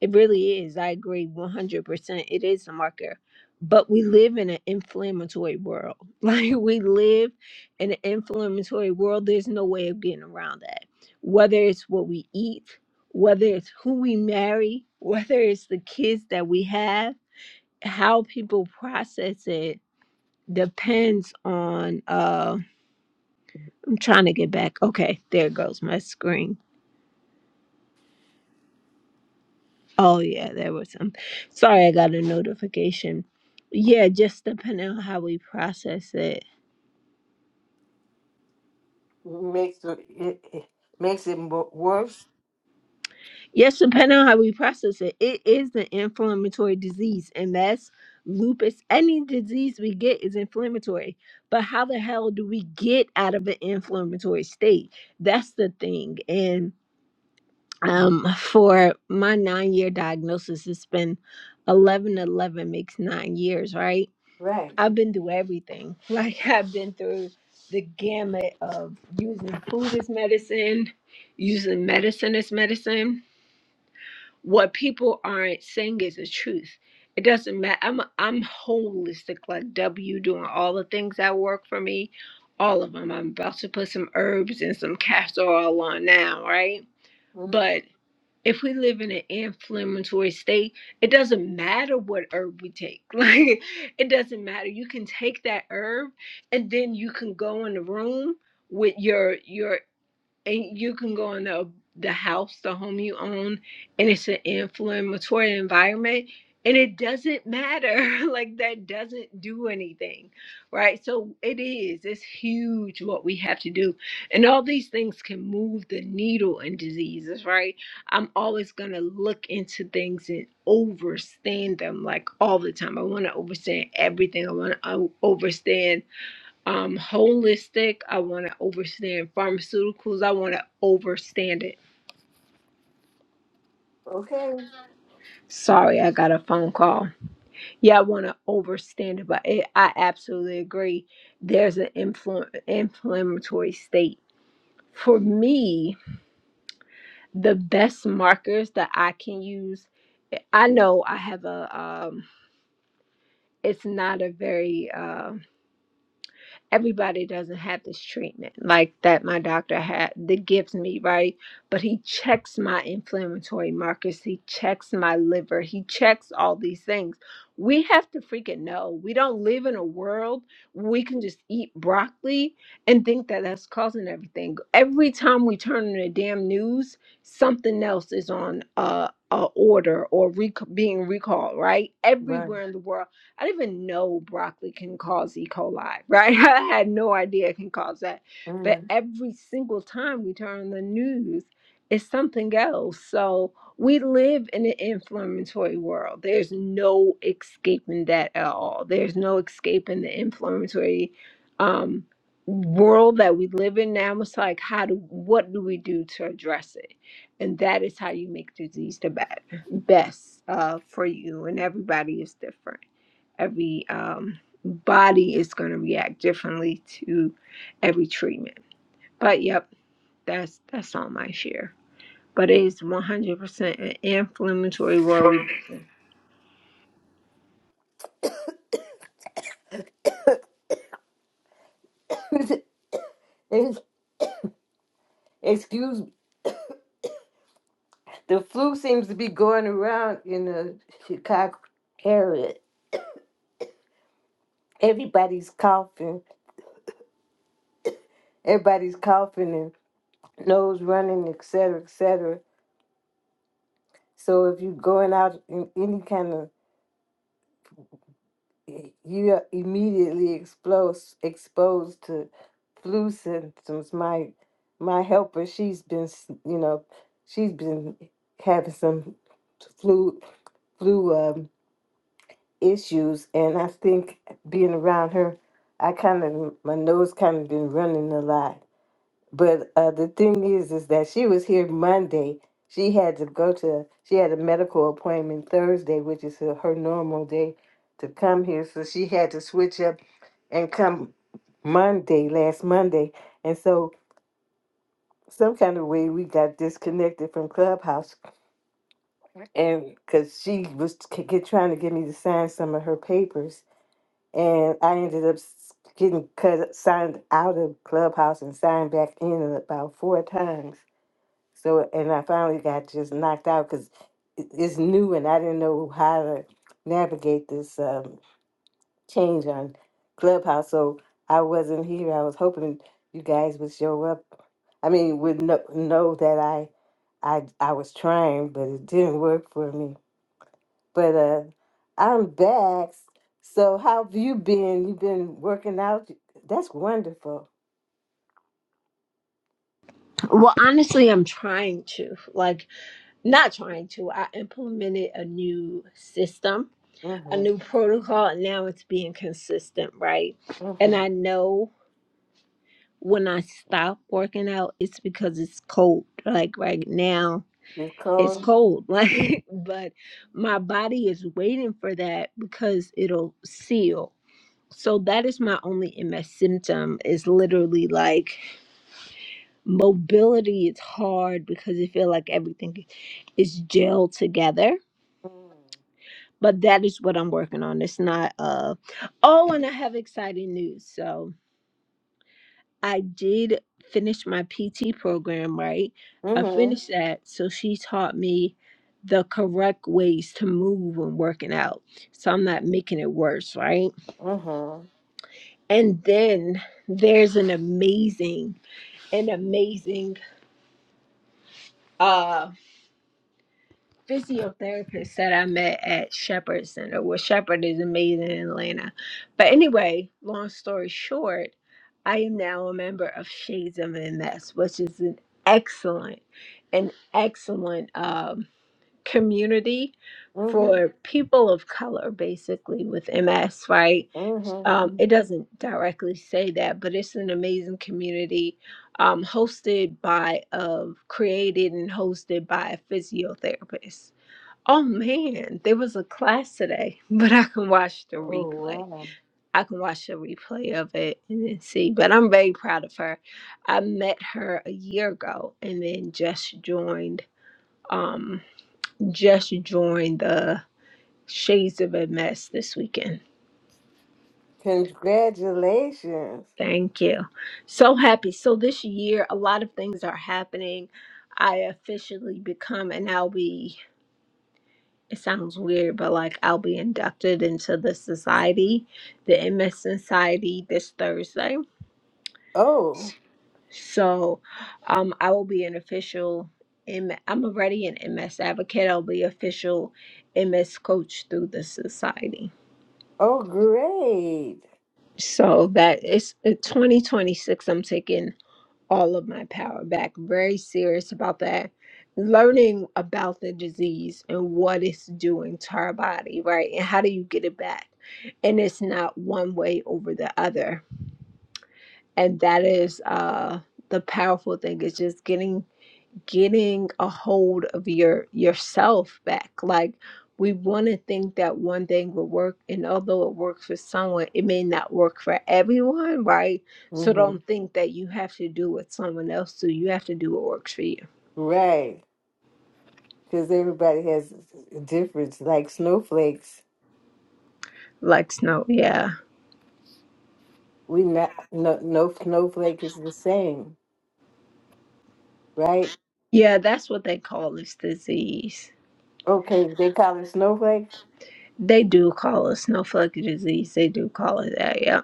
[SPEAKER 4] It really is. I agree 100%. It is a marker. But we live in an inflammatory world. (laughs) Like we live in an inflammatory world. There's no way of getting around that. Whether it's what we eat, whether it's who we marry, whether it's the kids that we have, how people process it depends on um I'm trying to get back. Okay, there goes my screen. Oh yeah, there was some. Sorry, I got a notification. Yeah, just depending on how we process it.
[SPEAKER 1] makes the, it, it makes it mo- worse.
[SPEAKER 4] Yes, depending on how we process it, it is an inflammatory disease, and that's lupus. Any disease we get is inflammatory, but how the hell do we get out of an inflammatory state? That's the thing. And um, for my nine-year diagnosis, it's been eleven. Eleven makes nine years, right?
[SPEAKER 1] Right.
[SPEAKER 4] I've been through everything. (laughs) Like I've been through the gamut of using food as medicine, using medicine as medicine. What people aren't saying is the truth. It doesn't matter. I'm I'm holistic, like W, doing all the things that work for me, all of them. I'm about to put some herbs and some castor oil on now, right?
[SPEAKER 1] Mhm.
[SPEAKER 4] But if we live in an inflammatory state, it doesn't matter what herb we take. (laughs) Like, it doesn't matter. You can take that herb and then you can go in the room with your your and you can go in the the house, the home you own, and it's an inflammatory environment, and it doesn't matter. (laughs) like that doesn't do anything, right? So it is. It's huge what we have to do, and all these things can move the needle in diseases, right? I'm always gonna look into things and overstand them like all the time. I want to overstand everything. I want to overstand um holistic. I want to overstand pharmaceuticals. I want to overstand it.
[SPEAKER 1] Okay.
[SPEAKER 4] Sorry, I got a phone call. Yeah, I want to overstand it, but it, I absolutely agree. There's an influ- inflammatory state. For me, the best markers that I can use, I know I have a um it's not a very uh, everybody doesn't have this treatment like that my doctor had that gives me right but he checks my inflammatory markers he checks my liver he checks all these things we have to freaking know we don't live in a world where we can just eat broccoli and think that that's causing everything every time we turn on the damn news something else is on uh a order or rec- being recalled right
[SPEAKER 1] Right.
[SPEAKER 4] everywhere in the world I didn't even know broccoli can cause E. coli, right? (laughs) I had no idea it can cause that. But
[SPEAKER 1] Mhm.
[SPEAKER 4] every single time we turn on the news, it's something else. So we live in an inflammatory world. There's no escaping that at all. There's no escaping the inflammatory um, world that we live in now. It's like, how do what do we do to address it? And that is how you make disease the best, best uh, for you. And everybody is different every um, body is going to react differently to every treatment. But yep, that's that's all my share. But it is 100% an inflammatory worry.
[SPEAKER 1] (laughs) Ex- Excuse me. The flu seems to be going around in the Chicago area. Everybody's coughing. Everybody's coughing and nose running, et cetera, et cetera. So if you're going out in any kind of y- you are immediately exposed exposed to flu symptoms. My my helper, she's been s- you know she's been having some flu flu um, issues, and I think being around her, I kind of my nose kind of been running a lot. But uh, the thing is, is that she was here Monday. She had to go to, she had a medical appointment Thursday, which is her her normal day to come here. So she had to switch up and come Monday, last Monday. And so, some kind of way, we got disconnected from Clubhouse. And because she was t- get, trying to get me to sign some of her papers. And I ended up s- getting cut, signed out of Clubhouse and signed back in about four times So, and I finally got just knocked out because it's new and I didn't know how to navigate this um, change on Clubhouse. So I wasn't here. I was hoping you guys would show up. I mean, would know, know that I, I, I was trying, but it didn't work for me. But uh, I'm back. So how have you been? You've been working out. That's wonderful.
[SPEAKER 4] Well, honestly, I'm trying to like not trying to. I implemented a new system, a
[SPEAKER 1] Mm-hmm.
[SPEAKER 4] new protocol, and now it's being consistent, right? And
[SPEAKER 1] Mm-hmm.
[SPEAKER 4] I know when I stop working out, it's because it's cold. Like right now,
[SPEAKER 1] You're
[SPEAKER 4] it's
[SPEAKER 1] cold.
[SPEAKER 4] cold (laughs) like but my body is waiting for that because it'll seal so that is my only ms symptom is literally like mobility is hard because i feel like everything is gelled together but that is what i'm working on it's not uh oh and i have exciting news so I did finish my PT program, right? I
[SPEAKER 1] Mm-hmm.
[SPEAKER 4] finished that. So she taught me the correct ways to move when working out. So I'm not making it worse, right?
[SPEAKER 1] Mm-hmm.
[SPEAKER 4] And then there's an amazing, an amazing uh physiotherapist that I met at Shepherd Center. Well, Shepherd is amazing in Atlanta. But anyway, long story short, I am now a member of Shades of MS, which is an excellent, an excellent um, community
[SPEAKER 1] Mm-hmm.
[SPEAKER 4] for people of color, basically with MS. Right? Um,
[SPEAKER 1] Mm-hmm.
[SPEAKER 4] it doesn't directly say that, but it's an amazing community. Um, hosted by, of created and hosted by a physiotherapist Oh man, there was a class today, (laughs) but I can watch the
[SPEAKER 1] Oh
[SPEAKER 4] replay.
[SPEAKER 1] wow.
[SPEAKER 4] I can watch the replay of it and then see. But I'm very proud of her. I met her a year ago and then just joined um just joined the Shades of MS this weekend.
[SPEAKER 1] Congratulations.
[SPEAKER 4] Thank you. So happy. So this year a lot of things are happening. I officially become an LB. it sounds weird, but like I'll be inducted into the society, the MS Society this Thursday.
[SPEAKER 1] Oh,
[SPEAKER 4] So um I will be an official M I'm already an MS advocate. I'll be official MS coach through the society.
[SPEAKER 1] oh great.
[SPEAKER 4] So that is in 2026 I'm taking all of my power back. Very serious about that. Learning about the disease and what it's doing to our body, right? And how do you get it back? And it's not one way over the other. And that is uh the powerful thing is just getting getting a hold of your yourself back like we want to think that one thing will work and although it works for someone it may not work for everyone right so
[SPEAKER 1] Mm-hmm.
[SPEAKER 4] don't think that you have to do what someone else do you have to do what works for you
[SPEAKER 1] Right. Because everybody has a difference, like snowflakes.
[SPEAKER 4] like snow yeah
[SPEAKER 1] We not no no snowflake is the same, right?
[SPEAKER 4] yeah that's what they call this disease
[SPEAKER 1] Okay, they call it snowflake.
[SPEAKER 4] they do call it snowflake disease they do call it that Yeah.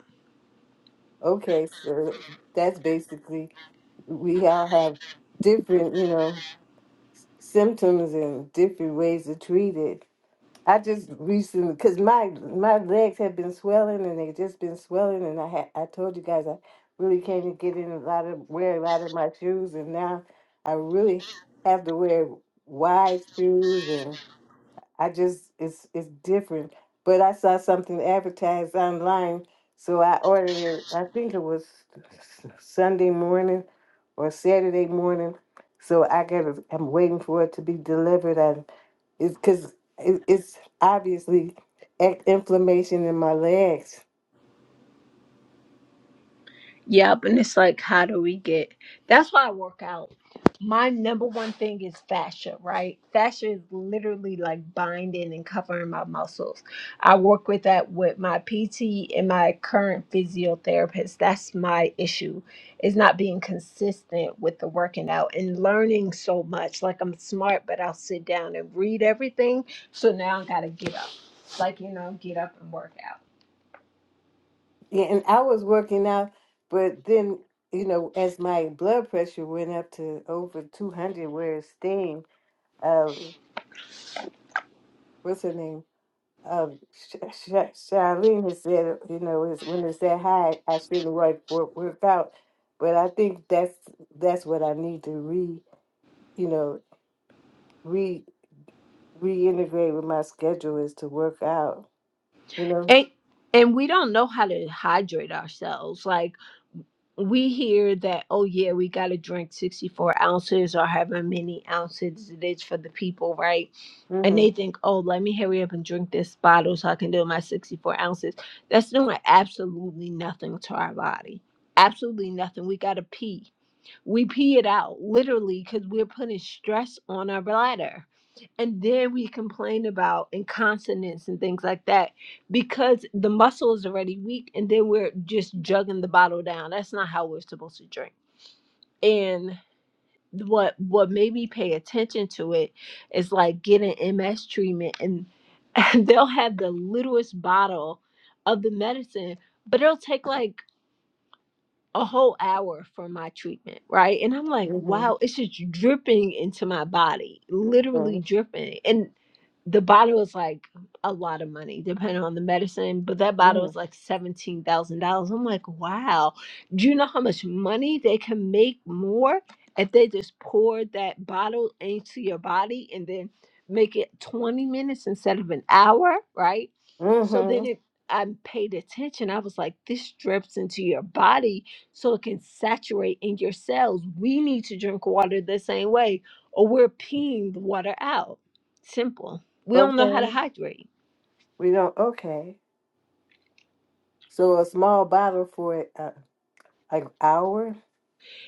[SPEAKER 1] Okay, so that's basically we all have different, you know, symptoms and different ways to treat it. I just recently, cause my my legs have been swelling and they just been swelling, and I had I told you guys I really came to get in a lot of wear a lot of my shoes, and now I really have to wear wide shoes I just it's it's different. But I saw something advertised online, so I ordered it. I think it was Sunday morning or Saturday morning. So I got. to I'm waiting for it to be delivered. And it's because it, it's obviously ac- inflammation in my legs.
[SPEAKER 4] Yep, and it's like, how do we get? That's why I work out. My number one thing is fascia, right? Fascia is literally like binding and covering my muscles. I work with that with my PT and my current physiotherapist. That's my issue, is not being consistent with the working out and learning so much. Like I'm smart, but I'll sit down and read everything. So now I gotta get up, like you know, get up and work out.
[SPEAKER 1] Yeah, and I was working out, but then you know, as my blood pressure went up to over two hundred, where it's staying. Uh, what's her name? uh, Sh- Sh- Charlene has said, you know, is when it's that high, I shouldn't work, work work out. But I think that's that's what I need to re, you know, re reintegrate with my schedule is to work out. You know.
[SPEAKER 4] And and we don't know how to hydrate ourselves. Like we hear that, oh yeah, we gotta drink sixty four ounces or however many ounces it is for the people, right? And they
[SPEAKER 1] Mhm.
[SPEAKER 4] think, oh, let me hurry up and drink this bottle so I can do my sixty four ounces. That's doing absolutely nothing to our body. Absolutely nothing. We gotta pee. We pee it out literally because we're putting stress on our bladder and then we complain about incontinence and things like that because the muscle is already weak and then we're just jugging the bottle down that's not how we're supposed to drink and what what made me pay attention to it is like getting ms treatment and (laughs) they'll have the littlest bottle of the medicine but it'll take like a whole hour for my treatment, right? And I'm like,
[SPEAKER 1] Mhm.
[SPEAKER 4] wow, it's just dripping into my body, literally
[SPEAKER 1] Mhm.
[SPEAKER 4] dripping. And the bottle is like a lot of money, depending on the medicine, but that bottle is
[SPEAKER 1] Mhm.
[SPEAKER 4] like $17,000. I'm like, wow, do you know how much money they can make more if they just pour that bottle into your body and then make it 20 minutes instead of an hour, right? So then
[SPEAKER 1] Mhm.
[SPEAKER 4] it, I paid attention. I was like, this drips into your body so it can saturate in your cells. We need to drink water the same way, or we're peeing the water out. Simple. We don't know how to
[SPEAKER 1] Okay.
[SPEAKER 4] hydrate.
[SPEAKER 1] We don't. Okay. So a small bottle for uh, an hour.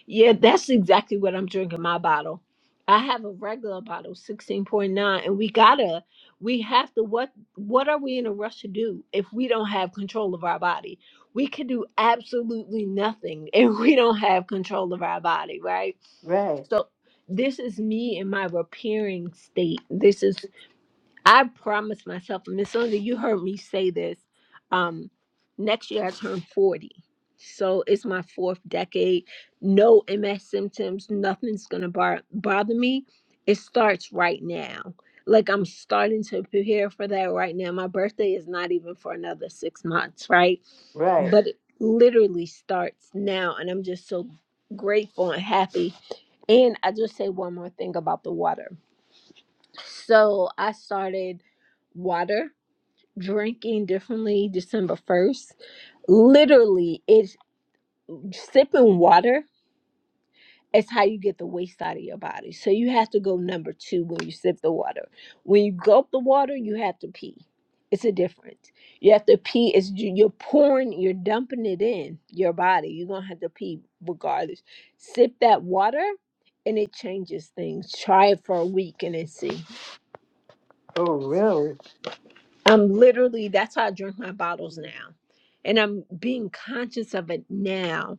[SPEAKER 4] Yeah, that's exactly what I'm drinking my bottle. I have a regular bottle, 16.9, and we gotta, we have to, what what are we in a rush to do if we don't have control of our body? We can do absolutely nothing (laughs) if we don't have control of our body, right?
[SPEAKER 1] Right.
[SPEAKER 4] So this is me in my repairing state. This is I promised myself, Miss Linda, you heard me say this. Um, next year I turn 40. So it's my fourth decade. No MS symptoms, nothing's gonna bar- bother me. It starts right now. Like I'm starting to prepare for that right now. My birthday is not even for another six months, right?
[SPEAKER 1] Right.
[SPEAKER 4] But it literally starts now, and I'm just so grateful and happy. And I just say one more thing about the water so I started water drinking differently December 1st. Literally, it's sipping water is how you get the waste out of your body. So you have to go number two when you sip the water. When you gulp the water, you have to pee. It's a difference. You have to pee. It's you- you're pouring, you're dumping it in your body. You're gonna have to pee regardless. Sip that water, and it changes things. Try it for a week and then see.
[SPEAKER 1] Oh, really?
[SPEAKER 4] I'm literally that's how I drink my bottles now. And I'm being conscious of it now.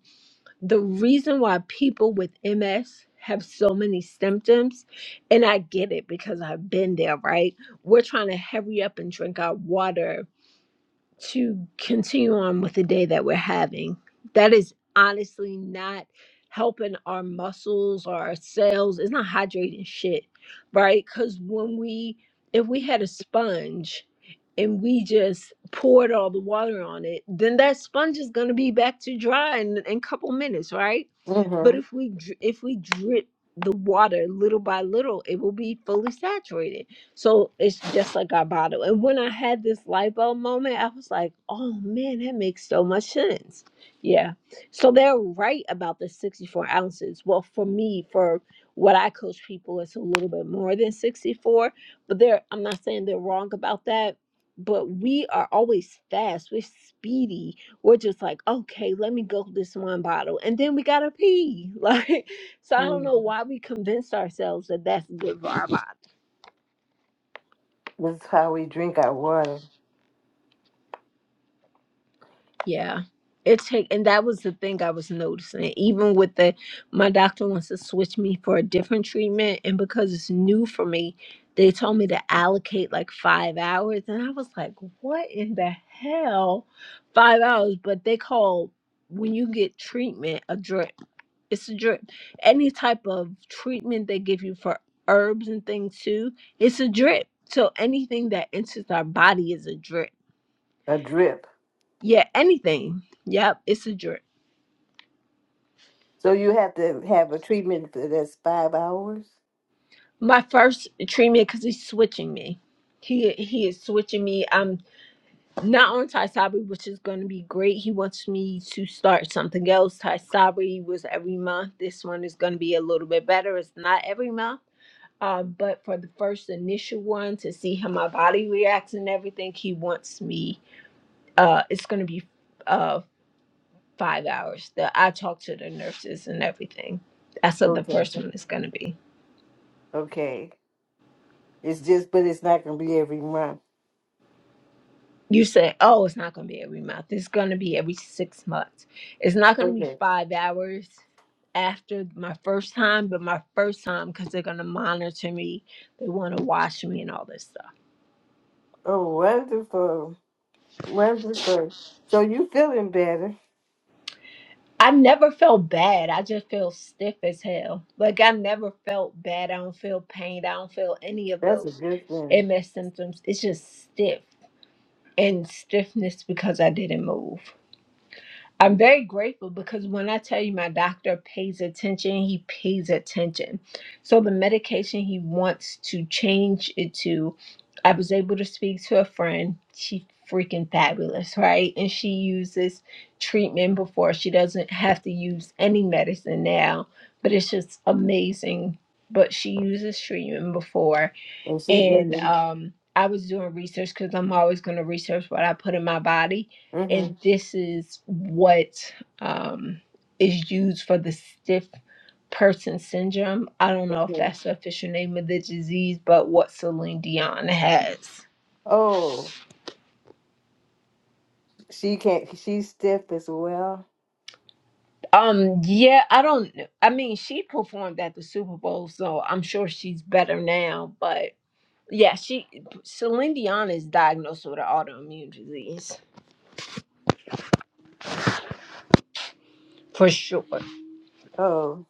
[SPEAKER 4] The reason why people with MS have so many symptoms, and I get it because I've been there, right? We're trying to hurry up and drink our water to continue on with the day that we're having. That is honestly not helping our muscles or our cells. It's not hydrating shit, right? Because when we, if we had a sponge and we just poured all the water on it, then that sponge is going to be back to dry in in a couple minutes, right? But
[SPEAKER 1] Mhm.
[SPEAKER 4] if we dr- if we drip the water little by little, it will be fully saturated so it's just like our bottle. And when I had this light bulb moment, I was like, oh man, that makes so much sense. Yeah. So they're right about the 64 ounces. Well, for me, for what I coach people, it's a little bit more than 64. But they're I'm not saying they're wrong about that. But we are always fast. We're speedy. We're just like, okay, let me go this one bottle. And then we gotta pee. (laughs) Like, so I don't
[SPEAKER 1] Mhm.
[SPEAKER 4] know why we convinced ourselves that that's good for our body.
[SPEAKER 1] This is how we drink our water,
[SPEAKER 4] Yeah. It take and that was the thing I was noticing. Even with the my doctor wants to switch me for a different treatment and because it's new for me, they told me to allocate like five hours and I was like, What in the hell? Five hours, but they call when you get treatment a drip. It's a drip. Any type of treatment they give you for herbs and things too, it's a drip. So anything that enters our body is a drip.
[SPEAKER 1] a drip.
[SPEAKER 4] Yeah, anything. Yep, it's a drip.
[SPEAKER 1] So you have to have a treatment for that's five hours?
[SPEAKER 4] my first treatment because he's switching me. He he is switching me. I'm not on Tysabri, which is going to be great. He wants me to start something else. Tysabri was every month. This one is going to be a little bit better. It's not every month. Uh, but for the first initial one to see how my body reacts and everything, he wants me. Uh, it's going to be uh five hours. The I talk to the nurses and everything. That's what the
[SPEAKER 1] Okay.
[SPEAKER 4] first one is going to be.
[SPEAKER 1] Okay. It's just, but it's not going to be every month.
[SPEAKER 4] you say, oh, it's not going to be every month. It's going to be every six months. It's not going to be
[SPEAKER 1] Okay.
[SPEAKER 4] five hours after my first time, but my first time because they're going to monitor me. They want to watch me and all this stuff.
[SPEAKER 1] Oh, wonderful. Wonderful. So you feeling better.
[SPEAKER 4] I never felt bad. I just feel stiff as hell. Like I never felt bad. I don't feel pain. I don't feel any of
[SPEAKER 1] That's a
[SPEAKER 4] those
[SPEAKER 1] good thing.
[SPEAKER 4] MS symptoms. It's just stiff and stiffness because I didn't move. I'm very grateful because when I tell you my doctor pays attention, he pays attention. So the medication he wants to change it to, I was able to speak to a friend. She freaking fabulous, right? And she uses treatment before. She doesn't have to use any medicine now, but it's just amazing. But she uses treatment before
[SPEAKER 1] And she
[SPEAKER 4] and
[SPEAKER 1] doesn't.
[SPEAKER 4] um I was doing research because I'm always going to research what I put in my body, and
[SPEAKER 1] Mm-hmm.
[SPEAKER 4] this is what um, is used for the stiff person syndrome. I don't know if
[SPEAKER 1] Okay.
[SPEAKER 4] that's the official name of the disease, but what Celine Dion has.
[SPEAKER 1] Oh, she can't, she's stiff as well.
[SPEAKER 4] Um, yeah, I don't. kn- I mean, she performed at the Super Bowl, so I'm sure she's better now. But yeah, she Celine Dion is diagnosed with an autoimmune disease for sure.
[SPEAKER 1] Oh,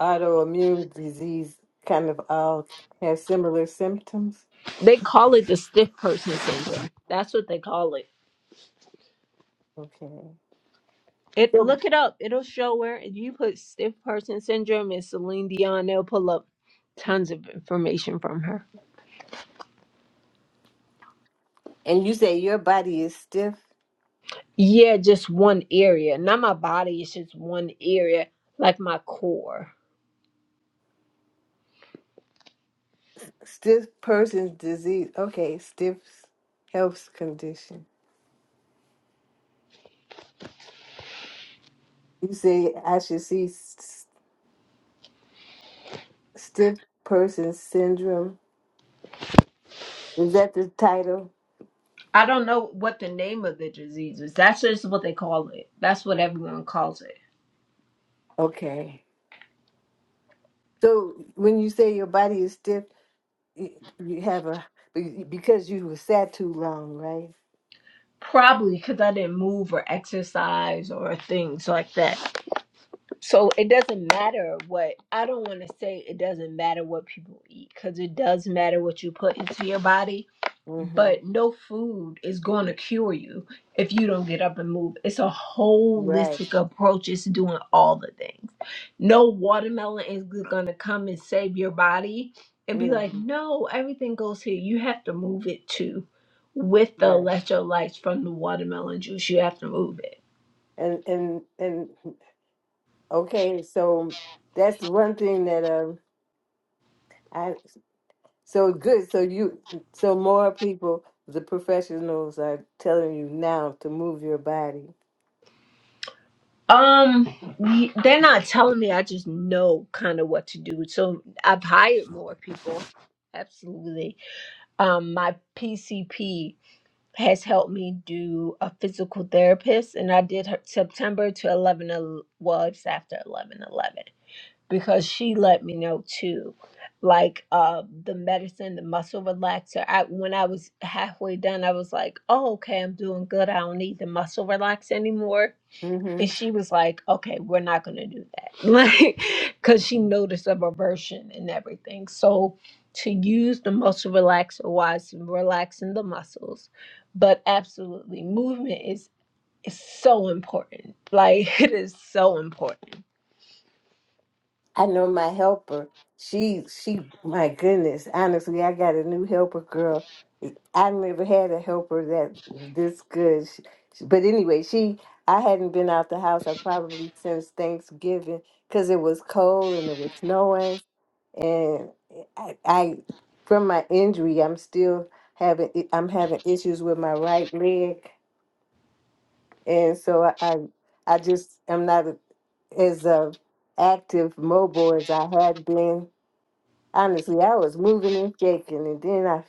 [SPEAKER 1] autoimmune disease kind of all have similar symptoms.
[SPEAKER 4] They call it the stiff person syndrome. That's what they call it.
[SPEAKER 1] Okay.
[SPEAKER 4] It
[SPEAKER 1] So
[SPEAKER 4] look it up. It'll show where if you put stiff person syndrome and Celine Dion, they'll pull up tons of information from her.
[SPEAKER 1] And you say your body is stiff,
[SPEAKER 4] Yeah, just one area. Not my body, it's just one area, like my core.
[SPEAKER 1] stiff person's disease. Okay, stiff health condition. You say I should see s- stiff person syndrome. Is that the title?
[SPEAKER 4] I don't know what the name of the disease is. That's just what they call it. That's what everyone calls it.
[SPEAKER 1] Okay. So when you say your body is stiff, you, you have a be- because you were sat too long, right?
[SPEAKER 4] Probably because I didn't move or exercise or things like that. So it doesn't matter what I don't want to say it doesn't matter what people eat because it does matter what you put into your body,
[SPEAKER 1] Mm-hmm.
[SPEAKER 4] but no food is going to cure you if you don't get up and move. It's a
[SPEAKER 1] Right.
[SPEAKER 4] holistic approach, it's doing all the things. No watermelon is going to come and save your body and be like,
[SPEAKER 1] Mm-hmm.
[SPEAKER 4] no, everything goes here. You have to move it too with the
[SPEAKER 1] Right.
[SPEAKER 4] electrolytes from the watermelon juice. You have to move it.
[SPEAKER 1] And and and okay, so that's one thing that um. So good. So you, so more people, the professionals are telling you now to move your body.
[SPEAKER 4] Um, y- they're not telling me. I just know kind of what to do. So I've hired more people. Absolutely. Um, my PCP has helped me do a physical therapist, and I did her September to 11. el- Well, it's after 11 11 because she let me know too. Like uh, the medicine, the muscle relaxer. I when I was halfway done, I was like, "Oh, okay, I'm doing good. I don't need the muscle relaxer anymore."
[SPEAKER 1] hmm
[SPEAKER 4] And she was like, okay, we're not going to do that. (laughs) Like, because she noticed a reversion and everything. So, to use the muscle relaxer was relaxing the muscles, but absolutely, movement is, is so important. Like, (laughs) it is so important.
[SPEAKER 1] I know my helper. She, she, my goodness, honestly, I got a new helper girl. I never had a helper that this good. She, but anyway, she, I hadn't been out the house. I probably since Thanksgiving because it was cold and it was snowing. and I, I from my injury i'm still having i- i'm having issues with my right leg and so i i, I just am not as uh, active mobile as i had been honestly i was moving and shaking and then i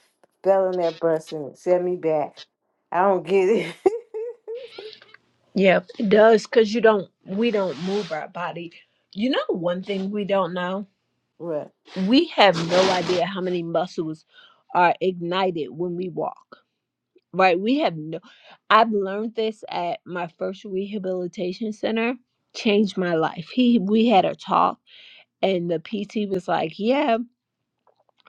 [SPEAKER 1] fell on that bus and it set me back i don't get it (laughs)
[SPEAKER 4] Yep, it does. Because you don't, we don't move our body. You know, one thing we don't know?
[SPEAKER 1] what
[SPEAKER 4] We have no idea how many muscles are ignited when we walk right? We have no, I've learned this at my first rehabilitation center, changed my life. He, we had a talk, and the PT was like, Yeah,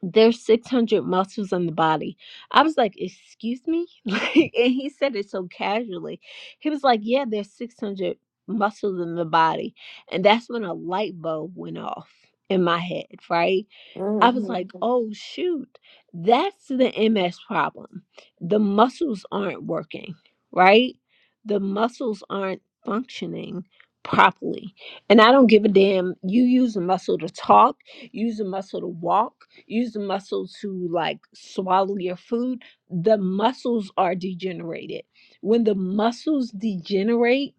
[SPEAKER 4] there's 600 muscles in the body. I was like, Excuse me? (laughs) Like, and he said it so casually. He was like, Yeah, there's 600 muscles in the body. And that's when a light bulb went off in my head, right? I was
[SPEAKER 1] hmm
[SPEAKER 4] like, oh, shoot, that's the MS problem. The muscles aren't working, right? The muscles aren't functioning properly. And I don't give a damn. You use a muscle to talk, use a muscle to walk, use a muscle to like swallow your food. The muscles are degenerated. When the muscles degenerate,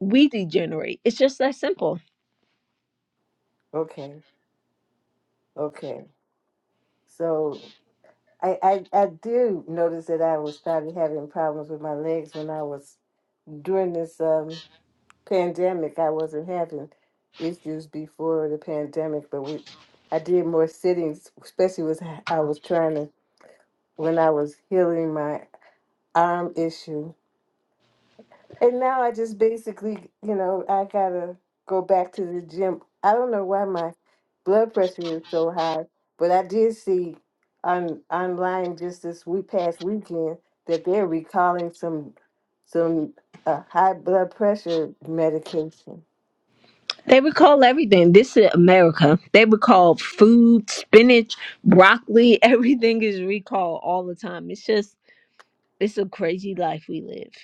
[SPEAKER 4] we degenerate. It's just that simple
[SPEAKER 1] okay okay so I, I i do notice that i was started having problems with my legs when i was during this um, pandemic, I wasn't having issues before the pandemic, but we, I did more sittings, especially was I was trying to when I was healing my arm issue. And now I just basically, you know, I gotta go back to the gym. I don't know why my blood pressure is so high, but I did see on online just this week past weekend that they're recalling some some uh, high blood pressure medication.
[SPEAKER 4] They recall everything. This is America. They recall food, spinach, broccoli. (laughs) Everything is recalled all the time. It's just, it's a crazy life we live.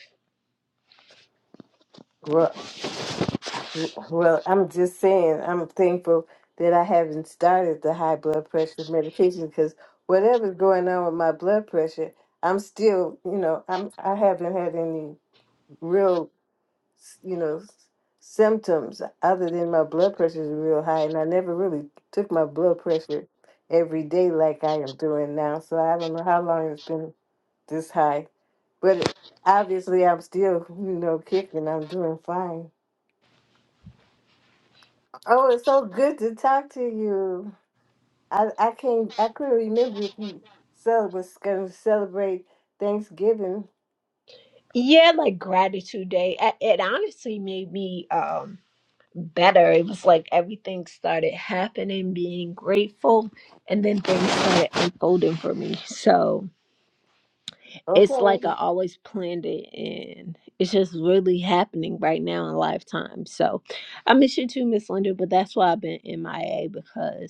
[SPEAKER 1] Well, I'm just saying, I'm thankful that I haven't started the high blood pressure medication because whatever's going on with my blood pressure, I'm still, you know, I'm I haven't had any real, you know, symptoms other than my blood pressure is real high, and I never really took my blood pressure every day like I am doing now. So I don't know how long it's been this high, but obviously I'm still, you know, kicking. I'm doing fine. Oh, it's so good to talk to you. I, I can't I couldn't remember if you cel- was going to celebrate Thanksgiving.
[SPEAKER 4] Yeah, like gratitude day. It, it honestly made me um, better. It was like everything started happening, being grateful, and then things started unfolding for me. So.
[SPEAKER 1] Okay.
[SPEAKER 4] it's like I always planned it and it's just really happening right now in lifetime. So I miss you too, Miss Linda, but that's why I've been MIA because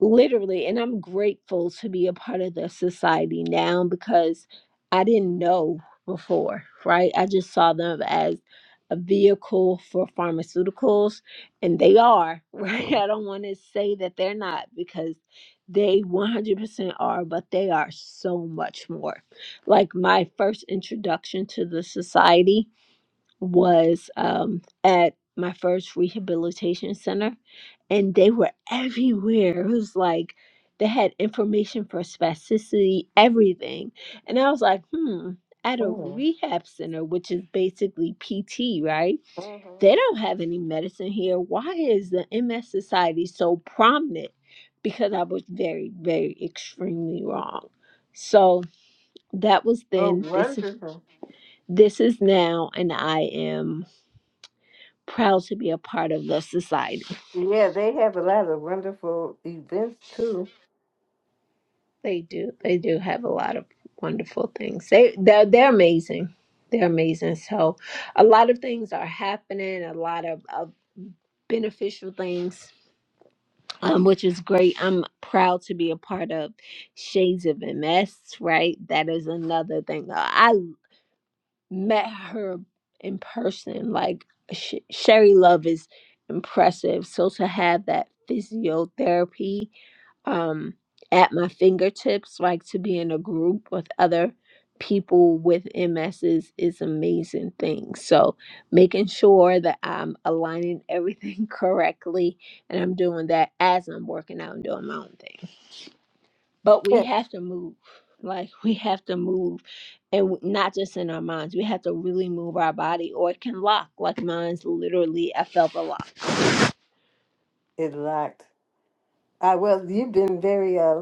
[SPEAKER 4] literally and i'm grateful to be a part of the society now because i didn't know before right i just saw them as a vehicle for pharmaceuticals and they are (laughs) right i don't want to say that they're not because they 100% are but they are so much more like my first introduction to the society was um, at my first rehabilitation center, and they were everywhere. It was like they had information for spasticity, everything. And I was like, hmm, at a rehab center, which is basically PT, right?
[SPEAKER 1] Mm-hmm.
[SPEAKER 4] They don't have any medicine here. Why is the MS Society so prominent? Because I was very, very extremely wrong. So that was
[SPEAKER 1] Oh,
[SPEAKER 4] then. This is
[SPEAKER 1] wonderful.
[SPEAKER 4] this is now, and I am proud to be a part of the society.
[SPEAKER 1] Yeah, they have a lot of wonderful events too.
[SPEAKER 4] They do. They do have a lot of wonderful things. They they're, they're amazing. They're amazing. So a lot of things are happening. A lot of, of beneficial things. um, which is great. I'm proud to be a part of Shades of MS, right? That is another thing. Uh, I met her in person. Like, Sh- Sherry Love is impressive. So to have that physiotherapy um, at my fingertips, like to be in a group with other people with MS is, is amazing thing. So making sure that I'm aligning everything (laughs) correctly and I'm doing that as I'm working out and doing my own thing. But we
[SPEAKER 1] (laughs)
[SPEAKER 4] have to move. Like we have to move and w- not just in our minds. We have to really move our body or it can lock. Like mine's literally I felt a lock
[SPEAKER 1] It locked. I well, you've been very uh,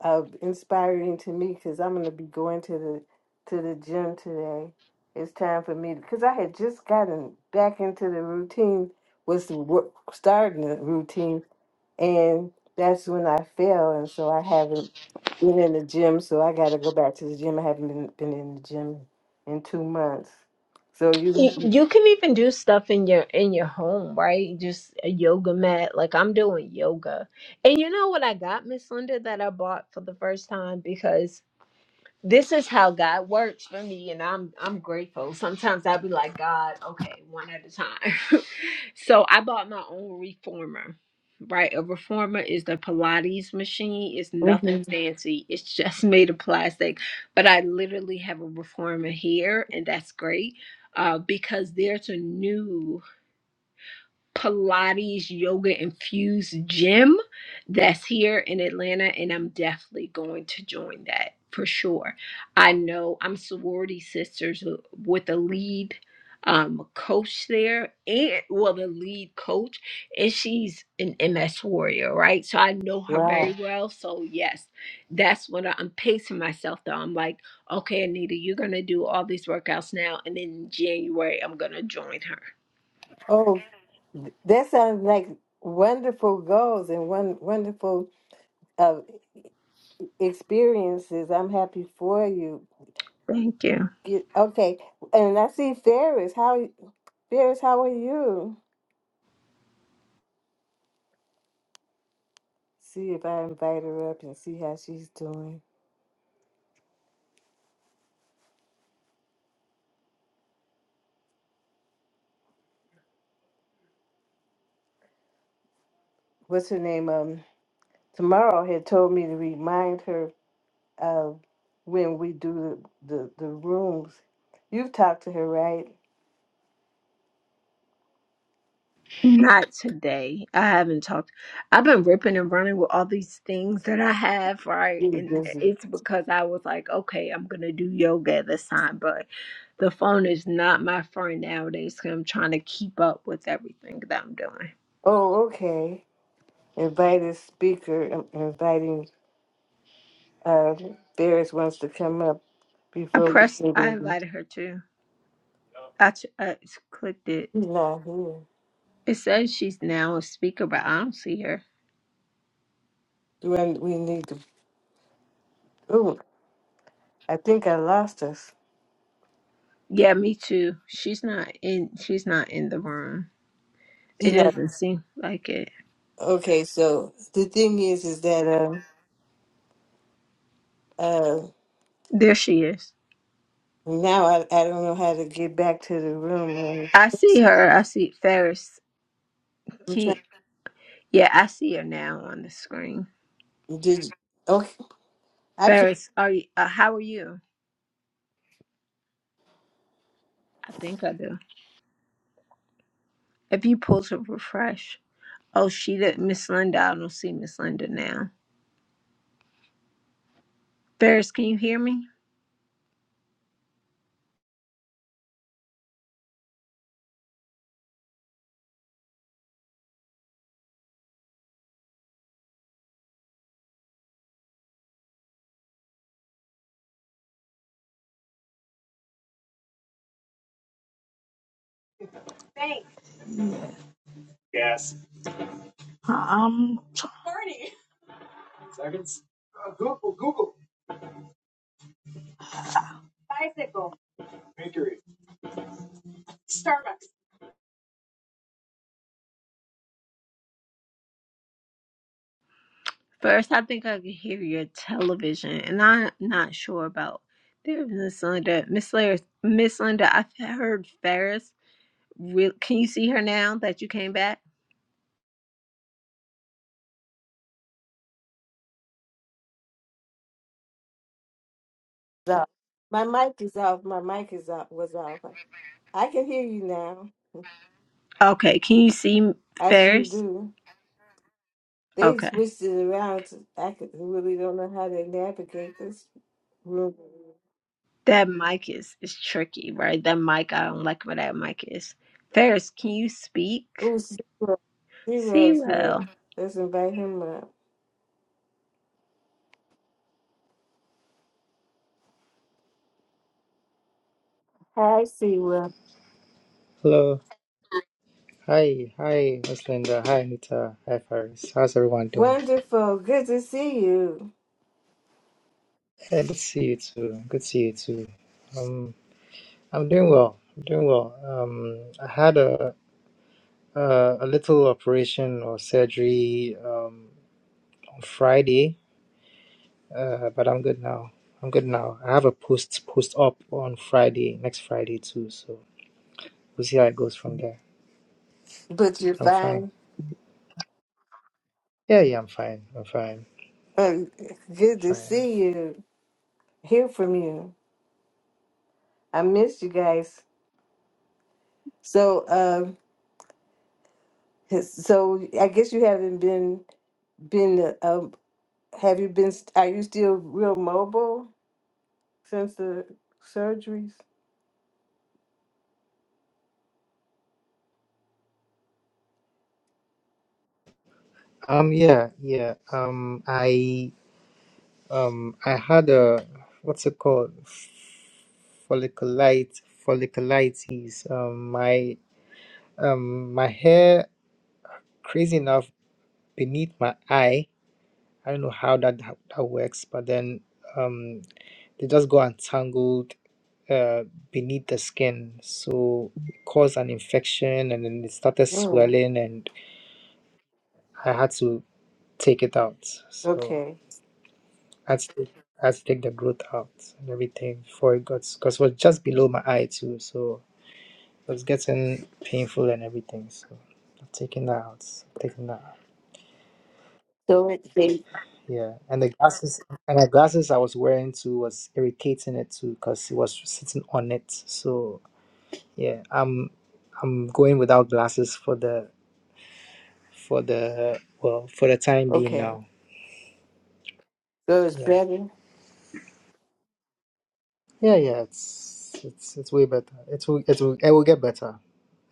[SPEAKER 1] uh, inspiring to me because I'm gonna be going to the to the gym today. It's time for me because I had just gotten back into the routine, was the work, starting the routine, and that's when I fell, and so I haven't been in the gym. So I got to go back to the gym. I haven't been been in the gym in two months. So
[SPEAKER 4] You
[SPEAKER 1] you,
[SPEAKER 4] you can even do stuff in your in your home, right? Just a yoga mat. Like I'm doing yoga. And you know what I got, Miss Linda, that I bought for the first time because this is how God works for me, and I'm I'm grateful. Sometimes I'll be like, God, okay, one at a time. (laughs) so I bought my own reformer. Right, a reformer is the Pilates machine. It's nothing
[SPEAKER 1] hmm
[SPEAKER 4] fancy. It's just (laughs) made of plastic, but I literally have a reformer here, and that's great uh, because there's a new Pilates yoga infused gym that's here in Atlanta, and I'm definitely going to join that for sure. I know I'm sorority sisters w- with a lead um coach there and well the lead coach and she's an ms warrior right so i know her very
[SPEAKER 1] wow,
[SPEAKER 4] well so yes that's what I- i'm pacing myself though i'm like okay anita you're gonna do all these workouts now and then in january i'm gonna join her
[SPEAKER 1] oh, th- that sounds like wonderful goals and one wonderful. uh, experiences. I'm happy for you.
[SPEAKER 4] thank you
[SPEAKER 1] Get, okay, and I see Ferris. How Ferris? How are you? See if I invite her up and see how she's doing. What's her name? Um, tomorrow had told me to remind her of when we do the the, the rooms. You've talked to her, right?
[SPEAKER 4] Not today. I haven't talked. I've been ripping and running with all these things that I have, right?
[SPEAKER 1] You're
[SPEAKER 4] And
[SPEAKER 1] busy.
[SPEAKER 4] it's because I was like, okay, I'm going to do yoga this time. But the phone is not my friend nowadays. nowadays 'cause I'm trying to keep up with everything that I'm doing.
[SPEAKER 1] Oh, okay. Invited speaker. um, Inviting uh, Ferris wants to come up
[SPEAKER 4] I
[SPEAKER 1] before we
[SPEAKER 4] pressed,
[SPEAKER 1] say
[SPEAKER 4] I
[SPEAKER 1] the.
[SPEAKER 4] invited her too. I, ch- I clicked it.
[SPEAKER 1] She's not here.
[SPEAKER 4] It says she's now a speaker, but I don't see her.
[SPEAKER 1] Do I, we need to? Oh, I think I lost us.
[SPEAKER 4] Yeah, me too. She's not in, she's not in the room. It
[SPEAKER 1] You know.
[SPEAKER 4] doesn't seem like it.
[SPEAKER 1] Okay, so the thing is, is that um uh
[SPEAKER 4] There she is.
[SPEAKER 1] now I I don't know how to get back to the room.
[SPEAKER 4] I
[SPEAKER 1] Um,
[SPEAKER 4] see her. I see Ferris.
[SPEAKER 1] I'm trying.
[SPEAKER 4] Can yeah, I see her now on the screen.
[SPEAKER 1] Did okay? I can.
[SPEAKER 4] Ferris, are you? Uh, how are you? I think I do. If you pull to refresh. Oh, she did. Miss Linda. I don't see Miss Linda now. Ferris, can you hear me?
[SPEAKER 5] Bank. Gas. Seconds. Uh, Google. Google. Bicycle. Bakery. Starbucks.
[SPEAKER 4] Ferris, I think I can hear your television, and I'm not sure about there's Miss Linda. Miss Linda, Miss Linda, I've heard Ferris. Real, can you see her now that you came back?
[SPEAKER 1] Off. My mic is off. My mic is off. Was off. I can hear you now.
[SPEAKER 4] Okay, can you see
[SPEAKER 1] I sure
[SPEAKER 4] Ferris?
[SPEAKER 1] do. They
[SPEAKER 4] Okay.
[SPEAKER 1] switched it around. To, I could, really don't know how to navigate this room.
[SPEAKER 4] That mic is is tricky, right? That mic, I don't like where that mic is. Ferris, can you speak?
[SPEAKER 1] Oh,
[SPEAKER 4] See,
[SPEAKER 1] Seawell's here.
[SPEAKER 4] well,
[SPEAKER 1] Let's invite him up. Hi, Sewell.
[SPEAKER 6] Hello. Hi. Hi, Miss Linda. Hi, Anita. Hi, Paris. How's everyone doing?
[SPEAKER 1] Wonderful. Good to see you.
[SPEAKER 6] Hey, good to see you too. Good to see you too. Um, I'm doing well. I'm doing well. Um, I had a a, a little operation or surgery um, on Friday, uh, but I'm good now. I'm good now. I have a post post op on Friday, next Friday too. So we'll see how it goes from there.
[SPEAKER 1] But you're
[SPEAKER 6] But I'm fine.
[SPEAKER 1] fine.
[SPEAKER 6] Yeah, yeah, I'm fine. I'm fine.
[SPEAKER 1] Uh, good to
[SPEAKER 6] Fine.
[SPEAKER 1] see you. Hear from you. I missed you guys. So, uh, so I guess you haven't been been. Uh, have you been? Are you still real mobile since the surgeries?
[SPEAKER 6] Um, yeah, yeah. Um, I. Um, I had a what's it called? Folliculite, folliculitis. Um, my um, my hair, crazy enough, beneath my eye. I don't know how that how that works, but then um, they just go entangled uh beneath the skin, so it caused an infection, and then it started
[SPEAKER 1] Mm,
[SPEAKER 6] swelling, and I had to take it out. So
[SPEAKER 1] okay.
[SPEAKER 6] I had to take, I had to take the growth out and everything before it got because it was just below my eye too, so. It was getting painful and everything, so I've taken that out. Taking that out.
[SPEAKER 1] So it's
[SPEAKER 6] Yeah. And the glasses and the glasses I was wearing too was irritating it too because it was sitting on it. So yeah, I'm I'm going without glasses for the for the well for the time being
[SPEAKER 1] okay.
[SPEAKER 6] now.
[SPEAKER 1] So it's
[SPEAKER 6] Yeah.
[SPEAKER 1] better.
[SPEAKER 6] Yeah, yeah, it's it's it's way better. It will it will it will get better.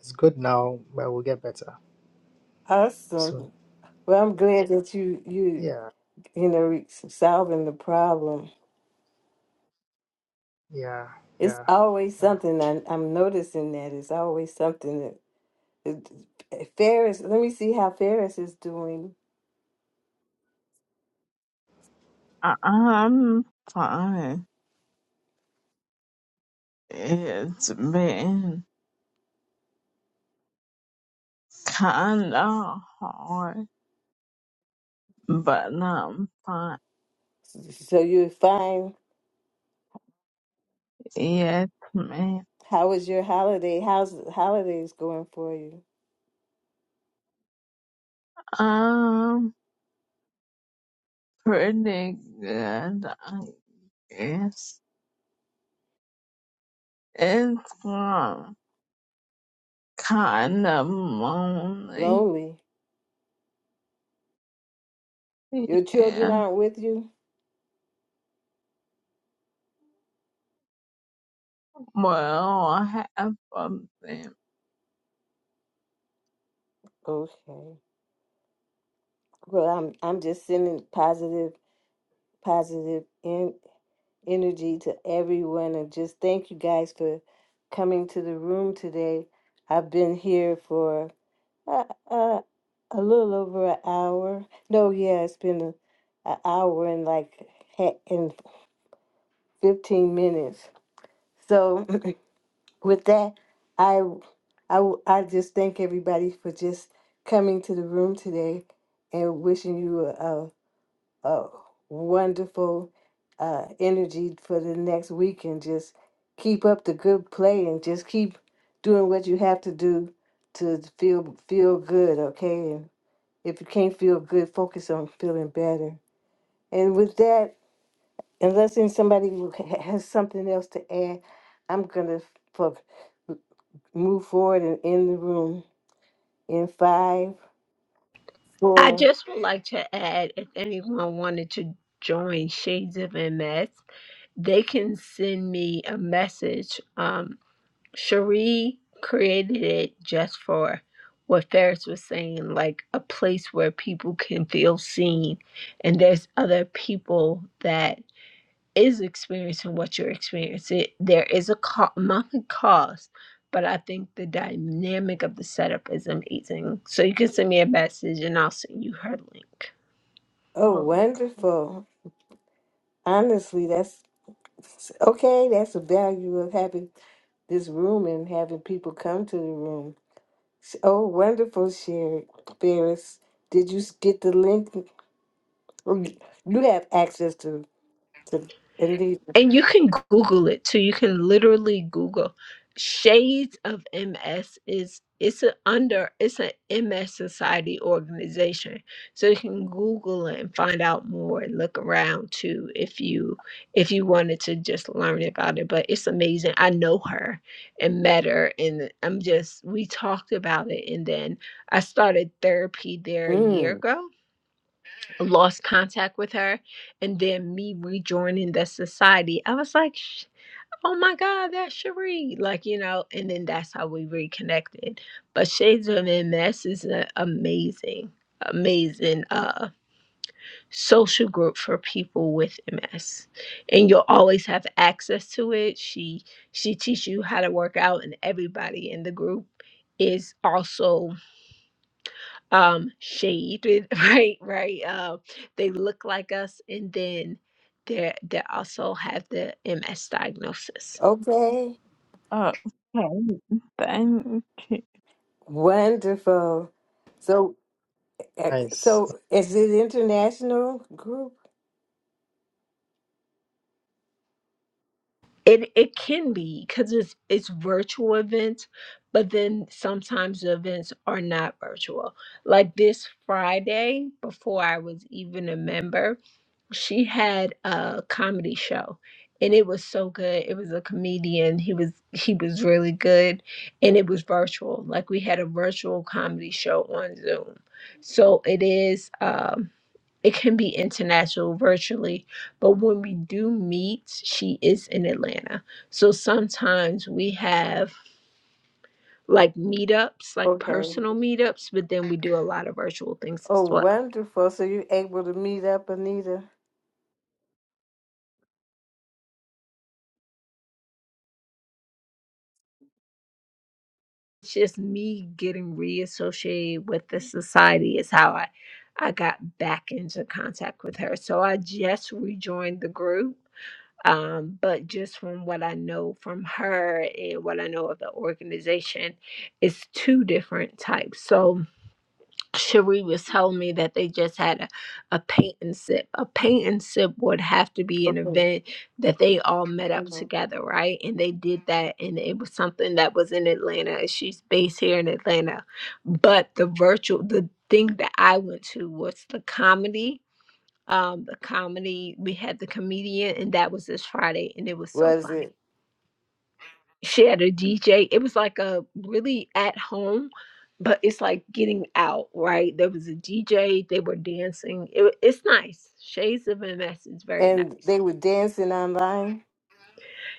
[SPEAKER 6] It's good now, but it will get better soon.
[SPEAKER 1] Awesome. Well, I'm glad that you you
[SPEAKER 6] Yeah,
[SPEAKER 1] you know solving the problem.
[SPEAKER 6] yeah,
[SPEAKER 1] It's
[SPEAKER 6] yeah,
[SPEAKER 1] always
[SPEAKER 6] yeah.
[SPEAKER 1] something I, I'm noticing that it's always something that it, Ferris. Let me see how Ferris is doing.
[SPEAKER 5] Um. i fine. It's been kinda hard, but I'm fine.
[SPEAKER 1] So you find
[SPEAKER 5] Yes, man.
[SPEAKER 1] how is your holiday? How's the holidays going for you?
[SPEAKER 5] I'm pretty good, I guess. It's um, kind of lonely.
[SPEAKER 1] Lonely. Your children
[SPEAKER 5] Yeah.
[SPEAKER 1] aren't with you.
[SPEAKER 5] Well, half of them
[SPEAKER 1] Okay. Well, I'm I'm just sending positive positive in, energy to everyone, and just thank you guys for coming to the room today. I've been here for Uh, uh, a little over an hour. No, yeah, it's been a, an hour and like ha- and fifteen minutes. So (clears throat) with that, I, I, w- I just thank everybody for just coming to the room today, and wishing you a a, a wonderful uh, energy for the next week, and just keep up the good play, and just keep doing what you have to do to feel feel good. Okay, if you can't feel good, focus on feeling better. And with that, unless there's somebody who ha- has something else to add, I'm gonna fuck, move forward and end the room in five,
[SPEAKER 4] I
[SPEAKER 1] four.
[SPEAKER 4] just would like to add if anyone wanted to join Shades of MS, they can send me a message. Um, Cherie created it just for what Ferris was saying, like a place where people can feel seen, and there's other people that is experiencing what you're experiencing. There is a co- monthly cost, but I think the dynamic of the setup is amazing. So you can send me a message and I'll send you her link.
[SPEAKER 1] Oh,
[SPEAKER 5] are
[SPEAKER 1] wonderful! Honestly, that's okay. That's the value of having this room and having people come to the room. S- Oh, wonderful, Sherry Ferris. Did you s- get the link? You have access to to Indeed.
[SPEAKER 4] And you can Google it too. You can literally Google Shades of MS is it's a under it's an MS Society organization. So you can Google it and find out more and look around too if you if you wanted to just learn about it. But it's amazing. I know her and met her and I'm just we talked about it and then I started therapy there a year
[SPEAKER 1] Mm.
[SPEAKER 4] ago lost contact with her and then me rejoining the society i was like "Sh- oh my god that's cherie like you know and then that's how we reconnected but shades of ms is an amazing amazing uh social group for people with ms and you'll always have access to it she she teaches you how to work out and everybody in the group is also um shaded (laughs) right right um they look like us and then they they also have the ms diagnosis
[SPEAKER 1] Okay.
[SPEAKER 5] Okay, thank you.
[SPEAKER 1] Wonderful. So, ex-
[SPEAKER 6] Nice.
[SPEAKER 1] so is it international group?
[SPEAKER 4] it it can be because it's it's virtual events but then sometimes the events are not virtual like this friday before i was even a member she had a comedy show and it was so good it was a comedian he was he was really good and it was virtual like we had a virtual comedy show on zoom so it is um it can be international virtually but when we do meet she is in atlanta so sometimes we have like meetups like
[SPEAKER 1] Okay.
[SPEAKER 4] personal meetups but then we do a lot of virtual things
[SPEAKER 1] Oh,
[SPEAKER 4] as well
[SPEAKER 1] wonderful. So you're able to meet up, Anita?
[SPEAKER 4] it's just me getting reassociated with the society is how I I got back into contact with her. So I just rejoined the group. Um, but just from what I know from her and what I know of the organization, it's two different types. So Cherie was telling me that they just had a, a paint and sip. A paint and sip would have to be an
[SPEAKER 1] Okay.
[SPEAKER 4] event that they all met up
[SPEAKER 1] Mhm.
[SPEAKER 4] together, right? And they did that, and it was something that was in Atlanta. and She's based here in Atlanta, but the virtual, the thing that I went to was the comedy. Um, the comedy we had the comedian, and that was this Friday, and it was so
[SPEAKER 1] Was
[SPEAKER 4] funny
[SPEAKER 1] it?
[SPEAKER 4] she had a DJ. It was like a really at home, but it's like getting out, right? There was a DJ, they were dancing. It, wa- it's nice. Shades of MS is very nice.
[SPEAKER 1] And they were dancing online?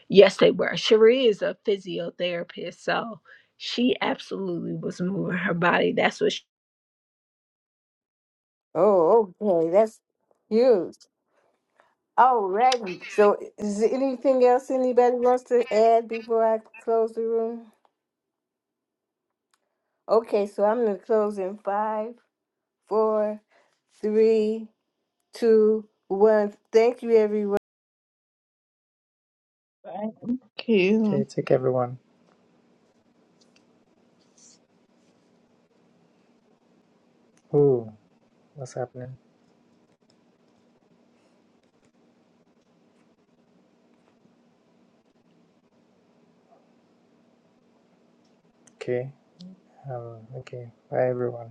[SPEAKER 4] Yes, they were. Cherie is a physiotherapist, so she absolutely was moving her body. That's what
[SPEAKER 1] Oh, okay. That's huge. All right. So is there anything else anybody wants to add before I close the room? Okay, so I'm going to close in five, four, three, two, one. Thank you, everyone.
[SPEAKER 5] Thank you.
[SPEAKER 6] Okay, take everyone. Oh, what's happening? Okay. Um, okay. Bye, everyone.